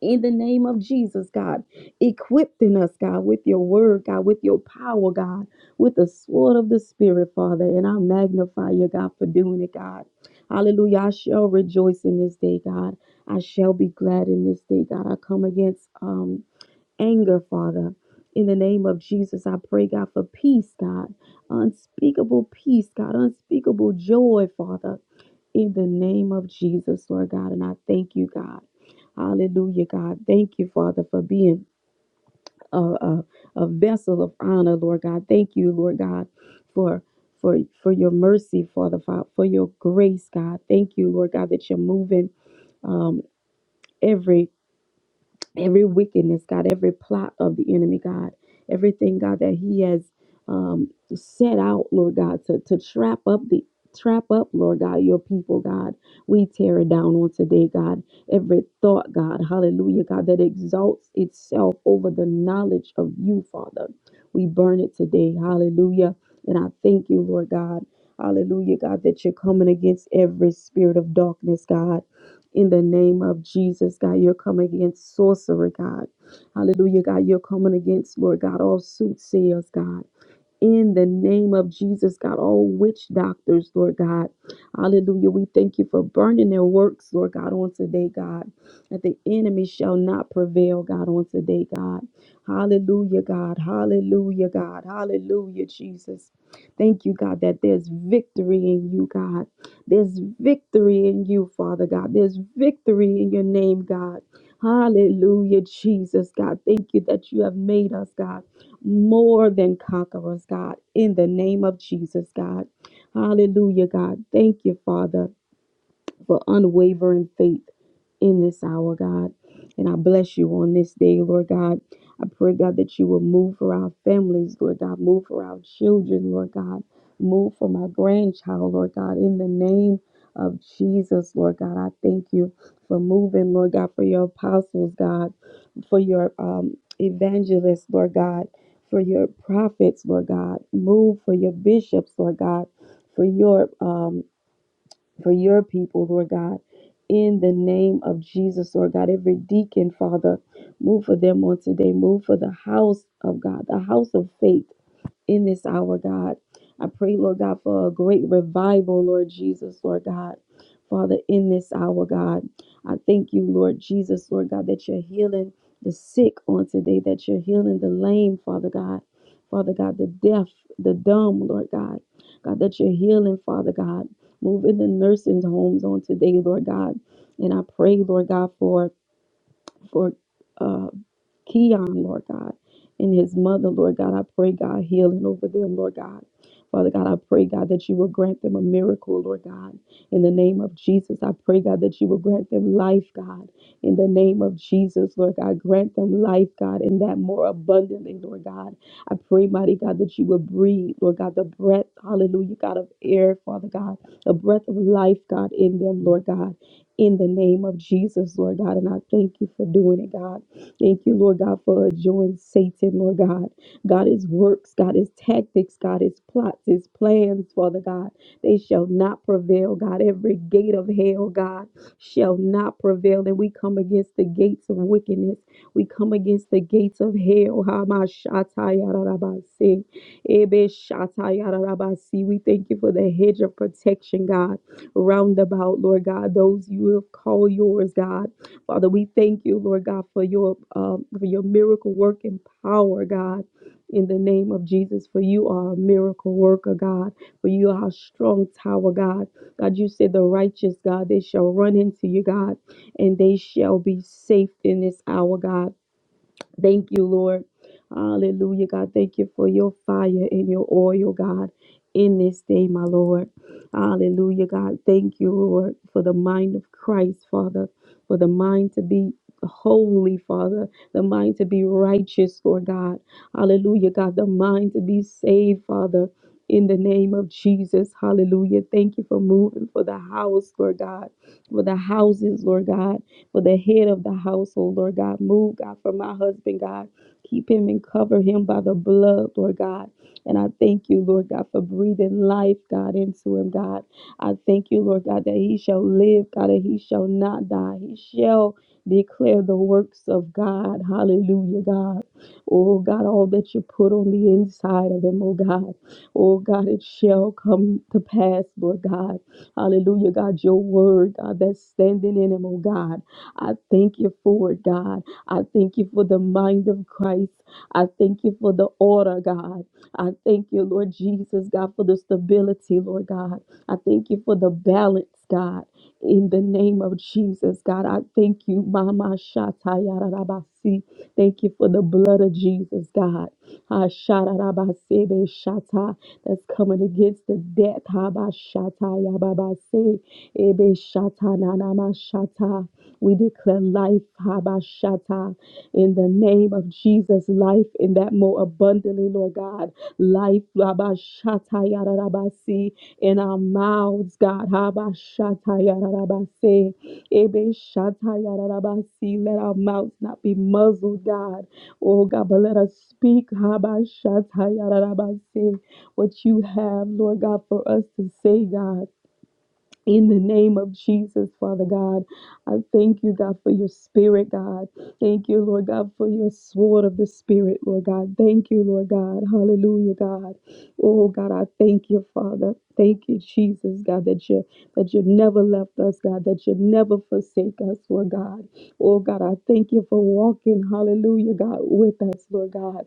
S5: In the name of Jesus, God, equipping us, God, with your word, God, with your power, God, with the sword of the Spirit, Father. And I magnify you, God, for doing it, God. Hallelujah. I shall rejoice in this day, God. I shall be glad in this day, God. I come against um anger, Father. In the name of Jesus, I pray, God, for peace, God. Unspeakable peace, God. Unspeakable joy, Father. In the name of Jesus, Lord God. And I thank you, God. Hallelujah, God. Thank you, Father, for being a, a, a vessel of honor, Lord God. Thank you, Lord God, for. For, for your mercy, Father, for for your grace, God. Thank you, Lord God, that you're moving um, every every wickedness, God, every plot of the enemy, God, everything, God, that he has um, set out, Lord God, to, to trap up the trap up, Lord God, your people, God. We tear it down on today, God. Every thought, God, hallelujah, God, that exalts itself over the knowledge of you, Father. We burn it today, hallelujah. And I thank you, Lord God. Hallelujah, God, that you're coming against every spirit of darkness, God in the name of Jesus, God. You're coming against sorcery, God. Hallelujah, God. You're coming against, Lord God, all soothsayers, God in the name of Jesus, God. All witch doctors, Lord God. Hallelujah. We thank you for burning their works, Lord God, on today, God. That the enemy shall not prevail, God, on today, God. Hallelujah, God. Hallelujah, God. Hallelujah, Jesus. Thank you, God, that there's victory in you, God. There's victory in you, Father God. There's victory in your name, God. Hallelujah, Jesus, God. Thank you that you have made us, God more than conquerors, God, in the name of Jesus, God. Hallelujah, God. Thank you, Father for unwavering faith in this hour, God. And I bless you on this day, Lord God. I pray, God, that you will move for our families, Lord God, move for our children, Lord God, move for my grandchild, Lord God, in the name of Jesus, Lord God. I thank you for moving, Lord God, for your apostles, God, for your um, evangelists, Lord God, for your prophets, Lord God, move for your bishops, Lord God, for your um, for your people, Lord God. In the name of Jesus, Lord God, every deacon, Father, move for them on today. Move for the house of God, the house of faith in this hour, God. I pray, Lord God, for a great revival, Lord Jesus, Lord God. Father, in this hour, God, I thank you, Lord Jesus, Lord God, that you're healing the sick on today, that you're healing the lame, Father God. Father God, the deaf, the dumb, Lord God. God, that you're healing, Father God. Move in the nursing homes on today, Lord God. And I pray, Lord God, for for uh, Keon, Lord God, and his mother, Lord God. I pray, God, healing over them, Lord God. Father God, I pray, God, that you will grant them a miracle, Lord God. In the name of Jesus, I pray, God, that you will grant them life, God. In the name of Jesus, Lord God, grant them life, God, and that more abundantly, Lord God. I pray, mighty God, that you will breathe, Lord God, the breath, hallelujah, God, of air, Father God, the breath of life, God, in them, Lord God in the name of Jesus, Lord God. And I thank you for doing it, God. Thank you, Lord God, for adjoining Satan, Lord God. God, his works, God, his tactics, God, his plots, his plans, Father God, they shall not prevail, God. Every gate of hell, God, shall not prevail. And we come against the gates of wickedness. We come against the gates of hell. Hamashatayarabasi. Ebeshatayarabasi. We thank you for the hedge of protection, God, round about, Lord God, those you have called yours, God. Father, we thank you, Lord God, for your um, for your miracle working power, God. In the name of Jesus, for you are a miracle worker, God. For you are a strong tower, God. God, you said the righteous, God, they shall run into you, God, and they shall be safe in this hour, God. Thank you, Lord. Hallelujah, God. Thank you for your fire and your oil, God, in this day, my Lord. Hallelujah, God. Thank you, Lord, for the mind of Christ, Father, for the mind to be holy, Father, the mind to be righteous, Lord God. Hallelujah, God, the mind to be saved, Father. In the name of Jesus, hallelujah. Thank you for moving for the house, Lord God, for the houses, Lord God for the head of the household, Lord God. Move, God, for my husband, God. Keep him and cover him by the blood, Lord God. And I thank you, Lord God, for breathing life, God, into him, God. I thank you, Lord God, that he shall live, God, and he shall not die. He shall declare the works of God. Hallelujah, God. Oh, God, all that you put on the inside of him, oh, God. Oh, God, it shall come to pass, Lord God. Hallelujah, God, your word, God, that's standing in him, oh, God. I thank you for it, God. I thank you for the mind of Christ. I thank you for the order, God. I thank you, Lord Jesus, God, for the stability, Lord God. I thank you for the balance, God. In the name of Jesus, God, I thank you, Mama Shatayarabasi. Thank you for the blood of Jesus, God. Hasharabasebe shata that's coming against the death. Habashata yababase ebe shata nanama shata. We declare life habashata in the name of Jesus, life in that more abundantly, Lord God. Life Habashata Shatayarabasi in our mouths, God. Haba Shatayarabase. Ebe Shatayarabasi. Let our mouths not be muzzled, God. Oh God, but let us speak. Haba Shatayarabase. What you have, Lord God, for us to say, God. In the name of Jesus, Father God, I thank you, God, for your spirit, God. Thank you, Lord God, for your sword of the spirit, Lord God. Thank you, Lord God. Hallelujah, God. Oh, God, I thank you, Father. Thank you, Jesus, God, that you that you never left us, God, that you never forsake us, Lord God. Oh, God, I thank you for walking, hallelujah, God, with us, Lord God.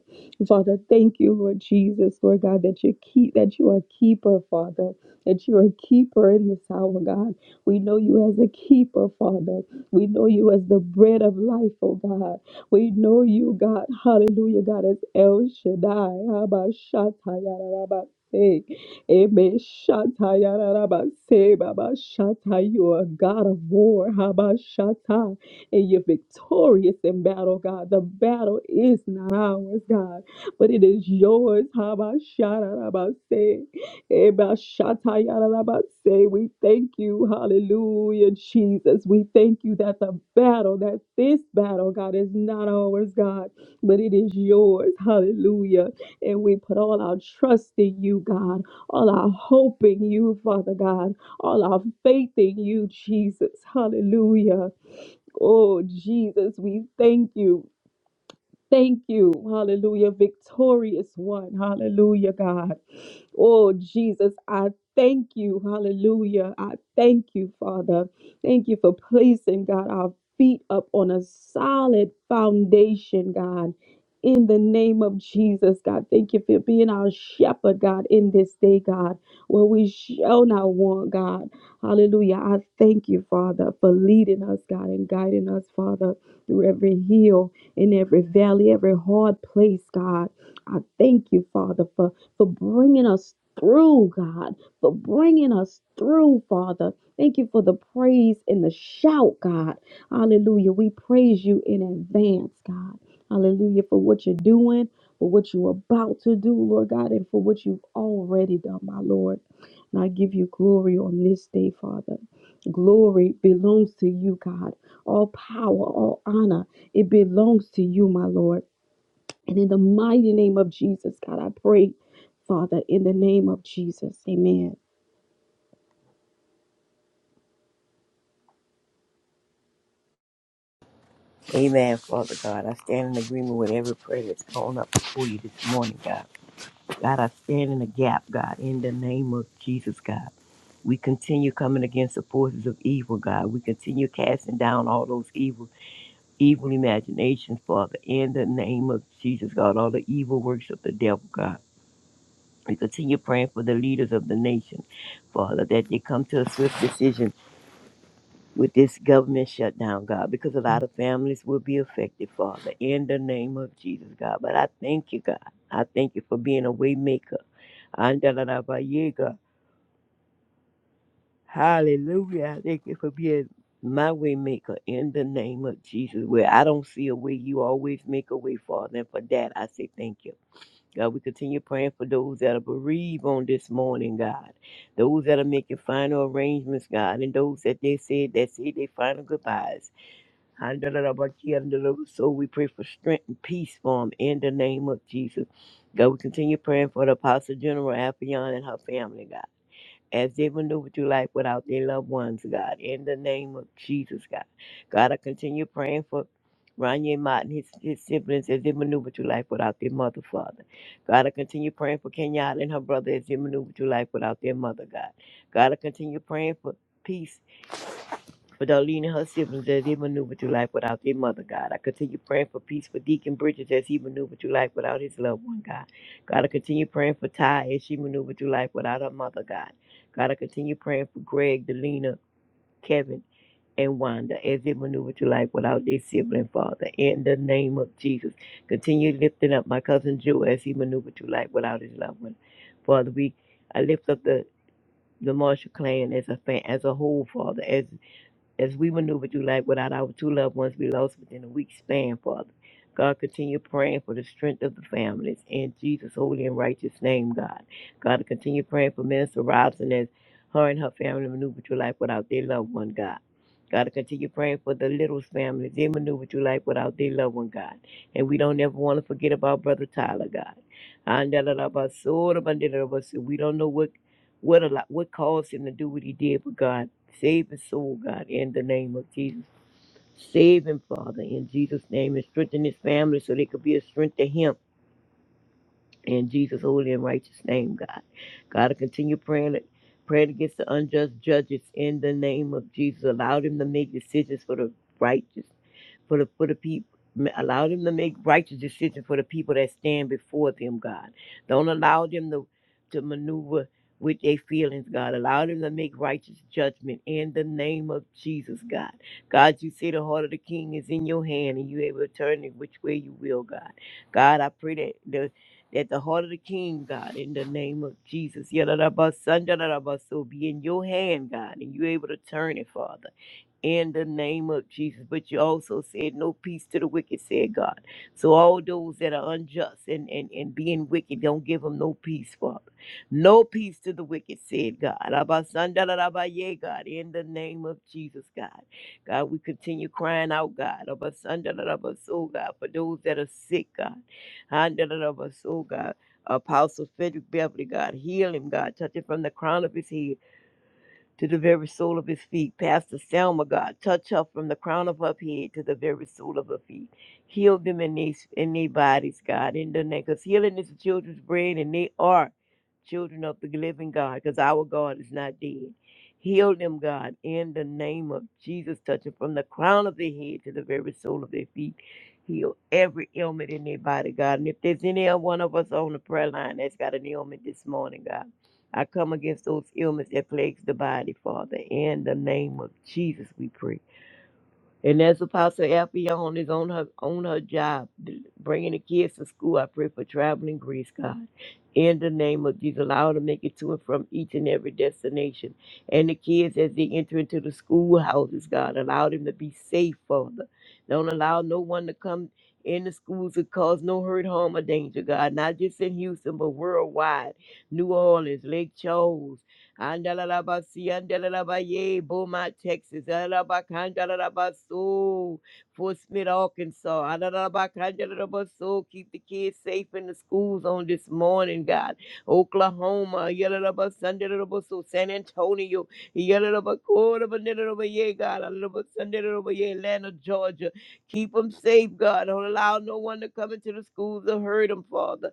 S5: Father, thank you, Lord Jesus, Lord God, that you keep that you are a keeper, Father that you're a keeper in this hour, God. We know you as a keeper, Father. We know you as the bread of life, oh God. We know you, God. Hallelujah, God, as El Shaddai. Abba, Shatta, Yada, Rabba, Say. Amen. Shatta, Yada, Rabba, Say, Baba, Shatta. You are a God of war, Abba, Shatta. And you're victorious in battle, God. The battle is not ours, God, but it is yours, Abba, Shatta, Rabba, Say. Ebashatayarabase. We thank you, hallelujah, Jesus. We thank you that the battle, that this battle, God, is not ours, God, but it is yours, hallelujah. And we put all our trust in you, God, all our hope in you, Father God, all our faith in you, Jesus, hallelujah. Oh, Jesus, we thank you. Thank you. Hallelujah. Victorious one. Hallelujah, God. Oh, Jesus, I thank you. Hallelujah. I thank you, Father. Thank you for placing, God, our feet up on a solid foundation, God. In the name of Jesus, God, thank you for being our shepherd, God, in this day, God, where we shall not want, God. Hallelujah. I thank you, Father, for leading us, God, and guiding us, Father, through every hill in every valley, every hard place, God. I thank you, Father, for, for bringing us through, God, for bringing us through, Father. Thank you for the praise and the shout, God. Hallelujah. We praise you in advance, God. Hallelujah, for what you're doing, for what you're about to do, Lord God, and for what you've already done, my Lord. And I give you glory on this day, Father. Glory belongs to you, God. All power, all honor, it belongs to you, my Lord. And in the mighty name of Jesus, God, I pray, Father, in the name of Jesus, amen.
S3: Amen, Father God. I stand in agreement with every prayer that's gone up before you this morning, God. God, I stand in the gap, God, in the name of Jesus, God. We continue coming against the forces of evil, God. We continue casting down all those evil, evil imaginations, Father, in the name of Jesus, God. All the evil works of the devil, God. We continue praying for the leaders of the nation, Father, that they come to a swift decision with this government shutdown, God, because a lot of families will be affected, Father, in the name of Jesus, God. But I thank you, God. I thank you for being a way maker. Andalarabaye, God. Hallelujah. I thank you for being my way maker in the name of Jesus. Where I don't see a way, you always make a way, Father. And for that, I say thank you. God, we continue praying for those that are bereaved on this morning, God. Those that are making final arrangements, God, and those that they said that say their final goodbyes. So we pray for strength and peace for him in the name of Jesus. God, we continue praying for the Apostle General Alfion and her family, God. As they maneuver through life without their loved ones, God, in the name of Jesus, God. God, I continue praying for Ronnie Mott and his, his siblings as they maneuver through life without their mother, Father. God, I continue praying for Kenyatta and her brother as they maneuver through life without their mother, God. God, I continue praying for peace for Darlene and her siblings as they maneuver through life without their mother, God. I continue praying for peace for Deacon Bridges as he maneuvered through life without his loved one, God. God, I continue praying for Ty as she maneuvered through life without her mother, God. God, I continue praying for Greg, Delina, Kevin, and Wanda as they maneuver through life without their sibling, Father. In the name of Jesus, continue lifting up my cousin Joe as he maneuvered through life without his loved one. Father, we I lift up the the Marshall clan as a fan, as a whole, Father, As as we maneuver through life without our two loved ones, we lost within a week span, Father. God, continue praying for the strength of the families in Jesus' holy and righteous name, God. God, continue praying for Minister Robinson as her and her family maneuver through life without their loved one, God. God, continue praying for the Littles family. They maneuver through life without their loved one, God. And we don't ever want to forget about Brother Tyler, God. And We don't know what what a lot, what caused him to do what he did, but God, save his soul, God, in the name of Jesus. Save him, Father, in Jesus' name, and strengthen his family so they could be a strength to him in Jesus' holy and righteous name, God. God, I continue praying Praying against the unjust judges in the name of Jesus. Allow them to make decisions for the righteous for the for the people. Allow them to make righteous decisions for the people that stand before them, God. Don't allow them to to maneuver with their feelings, God. Allow them to make righteous judgment in the name of Jesus, God. God, you say the heart of the king is in your hand and you able to turn it which way you will, God. God, I pray that the that the heart of the king, God, in the name of Jesus, Yadadabasan, dadadabaso, be in your hand, God, and you able to turn it, Father in the name of Jesus. But you also said, No peace to the wicked, said God. So all those that are unjust and, and, and being wicked, don't give them no peace, Father. No peace to the wicked, said God. Abasandarabaye, God, in the name of Jesus, God. God, we continue crying out, God. Abasandarabaso, God, for those that are sick, God. Andarabaso, God. Apostle Frederick Beverly, God, heal him, God. Touch him from the crown of his head to the very sole of his feet. Pastor Selma, God, touch her from the crown of her head to the very sole of her feet. Heal them in their in their bodies, God, in the name. Because healing is the children's bread, and they are children of the living God, because our God is not dead. Heal them, God, in the name of Jesus. Touch them from the crown of their head to the very sole of their feet. Heal every ailment in their body, God. And if there's any one of us on the prayer line that's got an ailment this morning, God. I come against those ailments that plagues the body, Father. In the name of Jesus, we pray. And as Apostle Alfion is on her on her job, d- bringing the kids to school, I pray for traveling grace, God. In the name of Jesus, allow her to make it to and from each and every destination. And the kids, as they enter into the schoolhouses, God, allow them to be safe, Father. Don't allow no one to come in the schools to cause no hurt, harm, or danger, God. Not just in Houston, but worldwide. New Orleans, Lake Charles, Andalalabasi, andalalabaye, Beaumont, Texas, Alabacandalabaso, Fort Smith, Arkansas, Alalabacandalabaso. Keep the kids safe in the schools on this morning, God. Oklahoma, Yalabasandalabaso, San Antonio, Yalabacordabandalabaye, God, Alabasandalabaye, Atlanta, Georgia. Keep them safe, God. Don't allow no one to come into the schools or hurt them, Father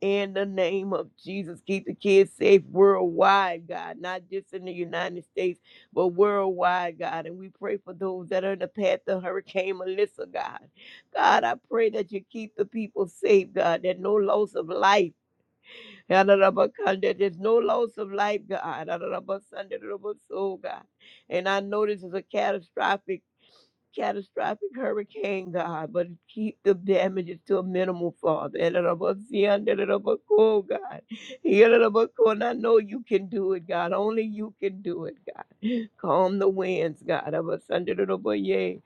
S3: in the name of Jesus. Keep the kids safe worldwide, God, not just in the United States, but worldwide, God. And we pray for those that are in the path of Hurricane Melissa, God. God, I pray that you keep the people safe, God, that no loss of life. There's no loss of life, God. God. And I know this is a catastrophic catastrophic hurricane, God, but keep the damages to a minimal, Father. And it above sea, under it above cool, God. Here it above cool, And I know you can do it, God. Only you can do it, God. Calm the winds, God. Of us under it above, yea.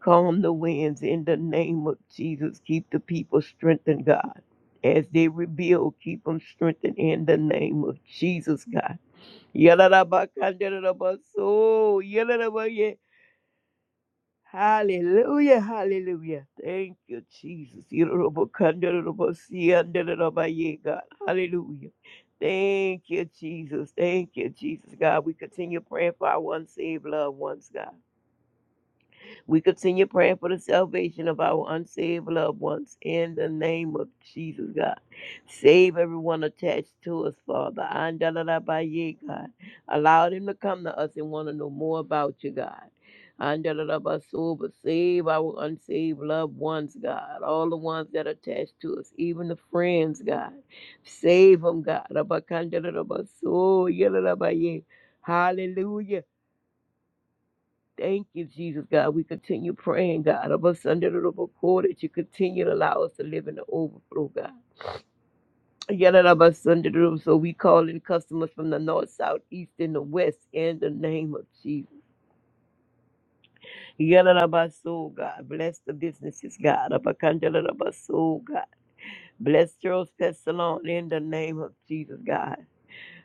S3: Calm the winds in the name of Jesus. Keep the people strengthened, God. As they rebuild, keep them strengthened in the name of Jesus, God. Yalla da ba, under it above, so. Yalla da ba, yeah. Hallelujah, hallelujah. Thank you, Jesus. Yorobokandorobosi, God. Hallelujah. Thank you, Jesus. Thank you, Jesus. God, we continue praying for our unsaved loved ones, God. We continue praying for the salvation of our unsaved loved ones in the name of Jesus, God. Save everyone attached to us, Father. Andalalabaye, God. Allow them to come to us and want to know more about you, God. Andalalabaso, But save our unsaved loved ones, God. All the ones that are attached to us, even the friends, God. Save them, God. Abakandalalabaso, yalalabaye. Hallelujah. Thank you, Jesus, God. We continue praying, God, of us under the roof of court that you continue to allow us to live in the overflow, God. Yet of us under the roof, so we call in customers from the north, south, east, and the west in the name of Jesus. Yet of us, oh God, bless the businesses, God. Of a country of us, oh God, bless Charles Pest Salon in the name of Jesus, God.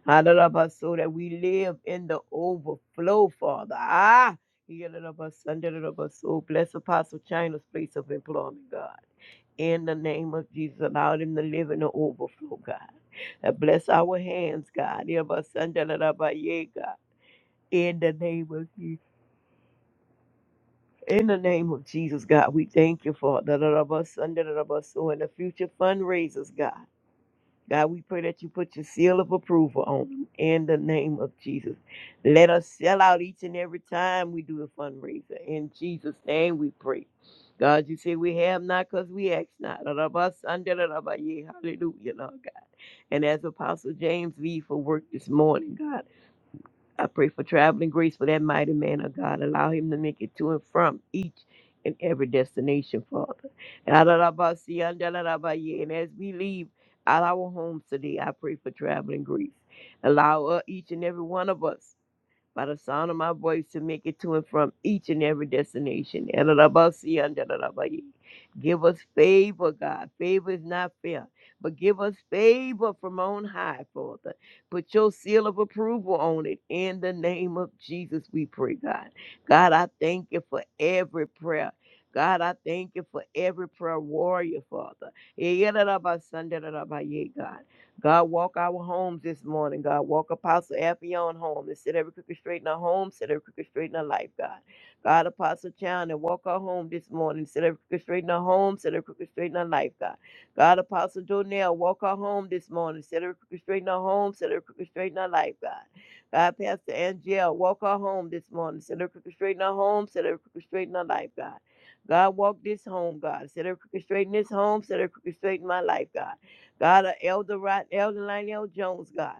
S3: Hallelujah, so that we live in the overflow, Father. Ah, Hallelujah, Hallelujah, so bless Apostle China's place of employment, God. In the name of Jesus, allow Him to live in the overflow, God. And bless our hands, God. Hallelujah, Hallelujah, God. In the name of Jesus. In the name of Jesus, God, we thank you for the Hallelujah, Hallelujah, so in the future fundraisers, God. God, we pray that you put your seal of approval on them in the name of Jesus. Let us sell out each and every time we do a fundraiser. In Jesus' name we pray. God, you say we have not because we ask not. Hallelujah, Lord God. And as Apostle James V for work this morning, God. I pray for traveling grace for that mighty man of God. Allow him to make it to and from each and every destination, Father. And I love about see, and I And as we leave out our homes today, I pray for traveling grace. Allow uh, each and every one of us by the sound of my voice to make it to and from each and every destination. Elelebasi and elelebayi. Give us favor, God. Favor is not fair, but give us favor from on high, Father. Put your seal of approval on it. In the name of Jesus, we pray, God. God, I thank you for every prayer. God, I thank you for every prayer warrior, Father. Elelebasi and elelebayi, God. God, walk our homes this morning, God. Walk Apostle Affion home and set every crooked straight in our home, set every crooked straight in our life, God. God, Apostle Chandler, walk our home this morning, set every crooked straight in our home, set every crooked straight in our life, God. God, Apostle Jonell, walk our home this morning, set every crooked straight in our home, set every crooked straight in our life, God. God, Pastor Angel, walk our home this morning, set every crooked straight in our home, set every crooked straight in our life, God. God, walk this home, God. Set every crooked straight in this home, set every crooked straight in my life, God. God, uh, Elder Rod, Elder Lionel Jones, God.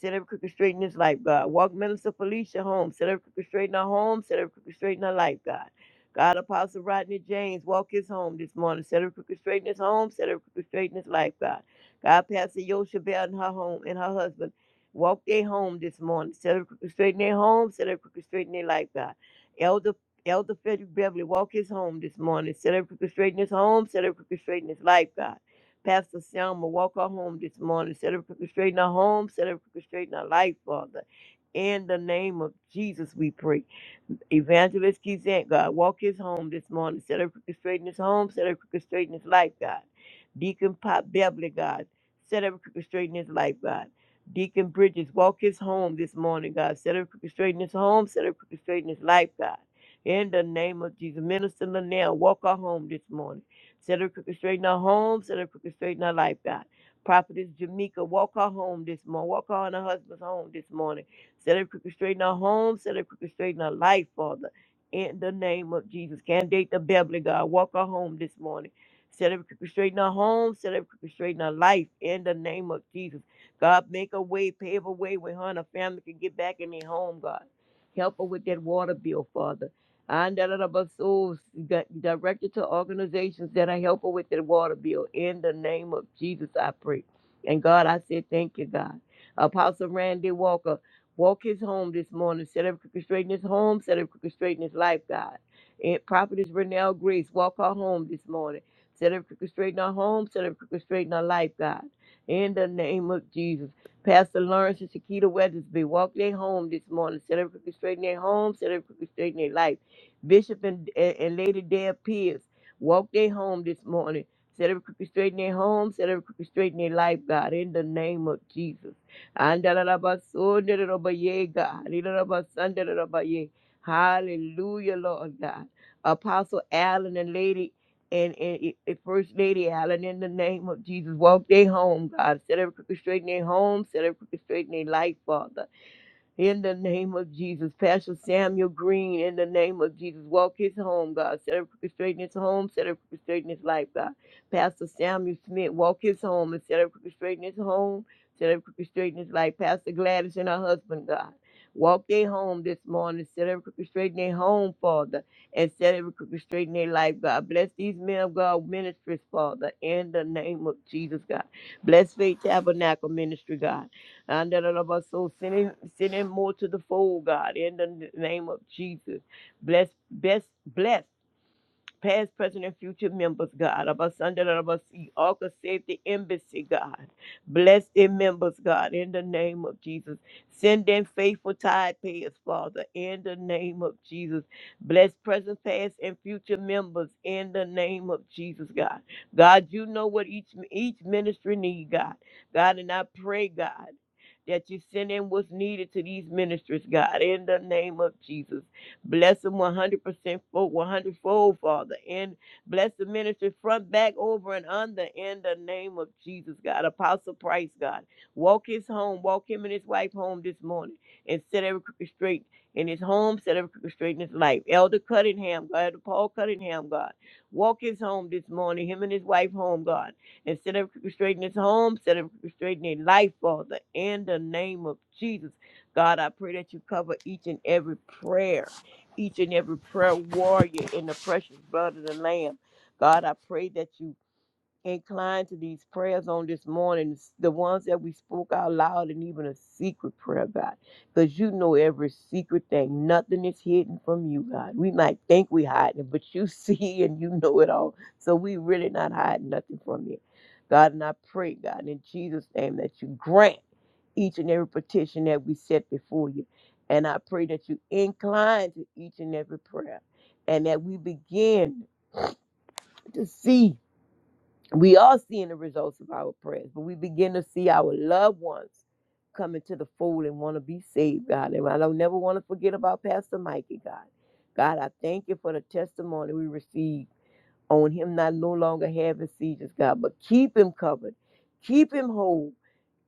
S3: Set every crooked straight in his life, God. Walk Minister Felicia home. Set every crooked straight in her home. Set every crooked straight in her life, God. God, Apostle Rodney James, walk his home this morning. Set every crooked straight in his home. Set every crooked straight in his life, God. God, Pastor Yosha Bell and her home and her husband. Walk their home this morning. Set every crooked straight in their home. Set every crooked straight in their life, God. Elder Elder Frederick Beverly, walk his home this morning. Set every crooked straight in his home. Set every crooked straight in his life, God. Pastor Selma, walk her home this morning. Set her crooked straight in her home. Set her crooked straight in her life, Father. In the name of Jesus, we pray. Evangelist Kizant, God, walk his home this morning. Set her crooked straight in his home. Set her crooked straight in his life, God. Deacon Pop Beverly, God. Set her crooked straight in his life, God. Deacon Bridges, walk his home this morning, God. Set her crooked straight in his home. Set her crooked straight in his life, God. In the name of Jesus. Minister Linnell, walk her home this morning. Set her crooked straight in her home. Set her crooked straight in her life, God. Prophetess Jamaica, walk her home this morning. Walk her and her husband's home this morning. Set every crooked straight in our home. Set every crooked straight in our life, Father. In the name of Jesus. Candidate the Beverly, God. Walk our home this morning. Set every crooked straight in our home. Set every crooked straight in our life. In the name of Jesus. God, make a way, pave a way where her and her family can get back in their home, God. Help her with that water bill, Father. And that other bus souls got directed to organizations that are help her with that water bill. In the name of Jesus, I pray. And God, I say thank you, God. Apostle Randy Walker. Walk his home this morning. Set every crooked straight in his home. Set every crooked straight in his life, God. And Prophetess Renelle Grace, walk her home this morning. Set every crooked straight in her home. Set every crooked straight in her life, God. In the name of Jesus. Pastor Lawrence and Shakita Weathersby, walk their home this morning. Set every crooked straight in their home. Set every crooked straight in their life. Bishop and, and, and Lady Dale Pierce, walk their home this morning. Set every crooked straight in their home. Set every crooked straight in their life, God. In the name of Jesus. Andalabasundarabaye, God. Ilalabasundarabaye. Hallelujah, Lord God. Apostle Allen and Lady and, and, and First Lady Allen in the name of Jesus. Walk their home, God. Set every crooked straight in their home. Set every crooked straight in their life, Father. In the name of Jesus, Pastor Samuel Green, in the name of Jesus, walk his home, God. Set up straight in his home, set up straight in his life, God. Pastor Samuel Smith, walk his home and set up straight in his home, set up straight in his life. Pastor Gladys and her husband, God. Walk their home this morning, set up straight in their home, Father, and set up straight in their life, God. Bless these men of God ministries, Father, in the name of Jesus, God. Bless Faith Tabernacle Ministry, God. And that of us so send him, send him more to the fold, God, in the name of Jesus. Bless, bless, bless past, present, and future members, God. Of us under the- of us, Arca Safety Embassy, God. Bless their members, God, in the name of Jesus. Send in faithful tide payers, Father, in the name of Jesus. Bless present, past, and future members in the name of Jesus, God. God, you know what each each ministry need, God. God, and I pray, God. That you send in what's needed to these ministries, God, in the name of Jesus. Bless them 100% full, 100 fold, Father. And bless the ministry front, back, over, and under in the name of Jesus, God. Apostle Price, God. Walk his home. Walk him and his wife home this morning and set every crooked straight in his home, set every crooked straight in his life. Elder Cunningham, God. Elder Paul Cunningham, God. Walk his home this morning, him and his wife home, God. And set every crooked straight in his home, set every crooked straight in his life, Father. In the name of Jesus. God, I pray that you cover each and every prayer each and every prayer warrior in the precious blood of the Lamb. God, I pray that you incline to these prayers on this morning, the ones that we spoke out loud and even a secret prayer, God, because you know every secret thing. Nothing is hidden from you, God. We might think we hide it, but you [laughs] see and you know it all. So we really not hiding nothing from you. God, and I pray, God, in Jesus' name that you grant each and every petition that we set before you. And I pray that you incline to each and every prayer and that we begin to see we are seeing the results of our prayers, but we begin to see our loved ones come into the fold and want to be saved, God. And I don't never want to forget about Pastor Mikey, God. God, I thank you for the testimony we received on him not no longer having seizures, God, but keep him covered. Keep him whole.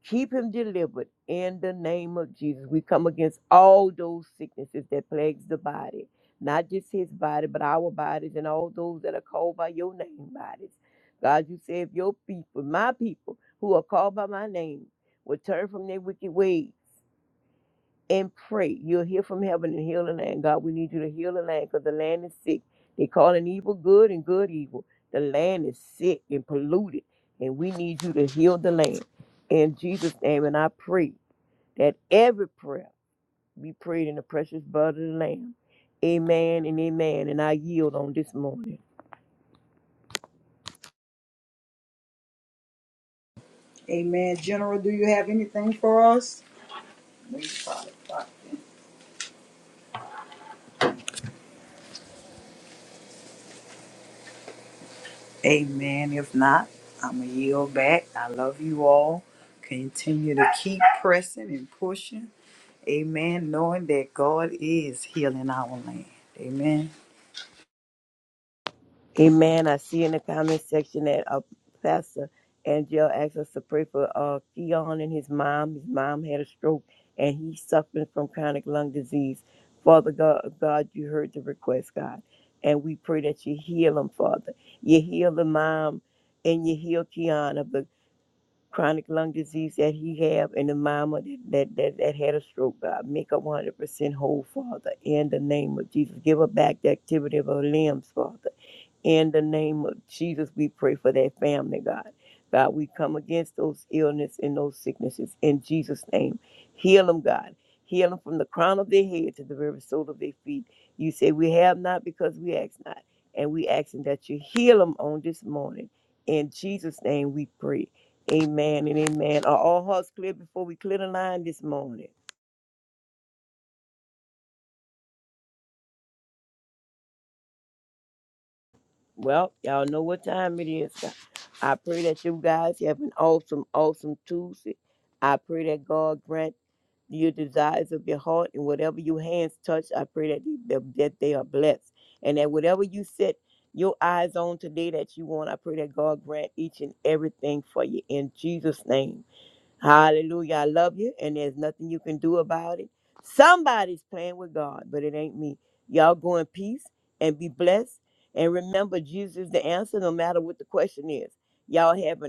S3: Keep him delivered in the name of Jesus. We come against all those sicknesses that plagues the body, not just his body, but our bodies and all those that are called by your name bodies. God, you say if your people, my people who are called by my name, will turn from their wicked ways and pray. You'll hear from heaven and heal the land. God, we need you to heal the land because the land is sick. They calling evil good and good evil. The land is sick and polluted, and we need you to heal the land. In Jesus' name, and I pray that every prayer be prayed in the precious blood of the Lamb. Amen and amen. And I yield on this morning.
S2: Amen. General, do you have anything for us? We probably not. Amen. If not, I'm going to yield back. I love you all. Continue to keep pressing and pushing. Amen. Knowing that God is healing our land. Amen.
S3: Amen. I see in the comment section that uh, Pastor Angel asked us to pray for uh, Keon and his mom. His mom had a stroke and he's suffering from chronic lung disease. Father God, God, you heard the request, God. And we pray that you heal him, Father. You heal the mom and you heal Keon of the chronic lung disease that he have and the mama that, that, that, that had a stroke, God. Make her 100% whole, Father, in the name of Jesus. Give her back the activity of her limbs, Father in the name of Jesus, we pray for that family, God. God, we come against those illness and those sicknesses in Jesus' name. Heal them, God. Heal them from the crown of their head to the very sole of their feet. You say we have not because we ask not. And we asking that you heal them on this morning. In Jesus' name we pray. Amen and amen. Are all hearts clear before we clear the line this morning? Well, y'all know what time it is. I pray that you guys have an awesome, awesome Tuesday. I pray that God grant your desires of your heart and whatever your hands touch, I pray that they, that that they are blessed. And that whatever you set your eyes on today that you want, I pray that God grant each and everything for you in Jesus' name. Hallelujah. I love you, and there's nothing you can do about it. Somebody's playing with God, but it ain't me. Y'all go in peace and be blessed. And remember, Jesus is the answer no matter what the question is. Y'all have an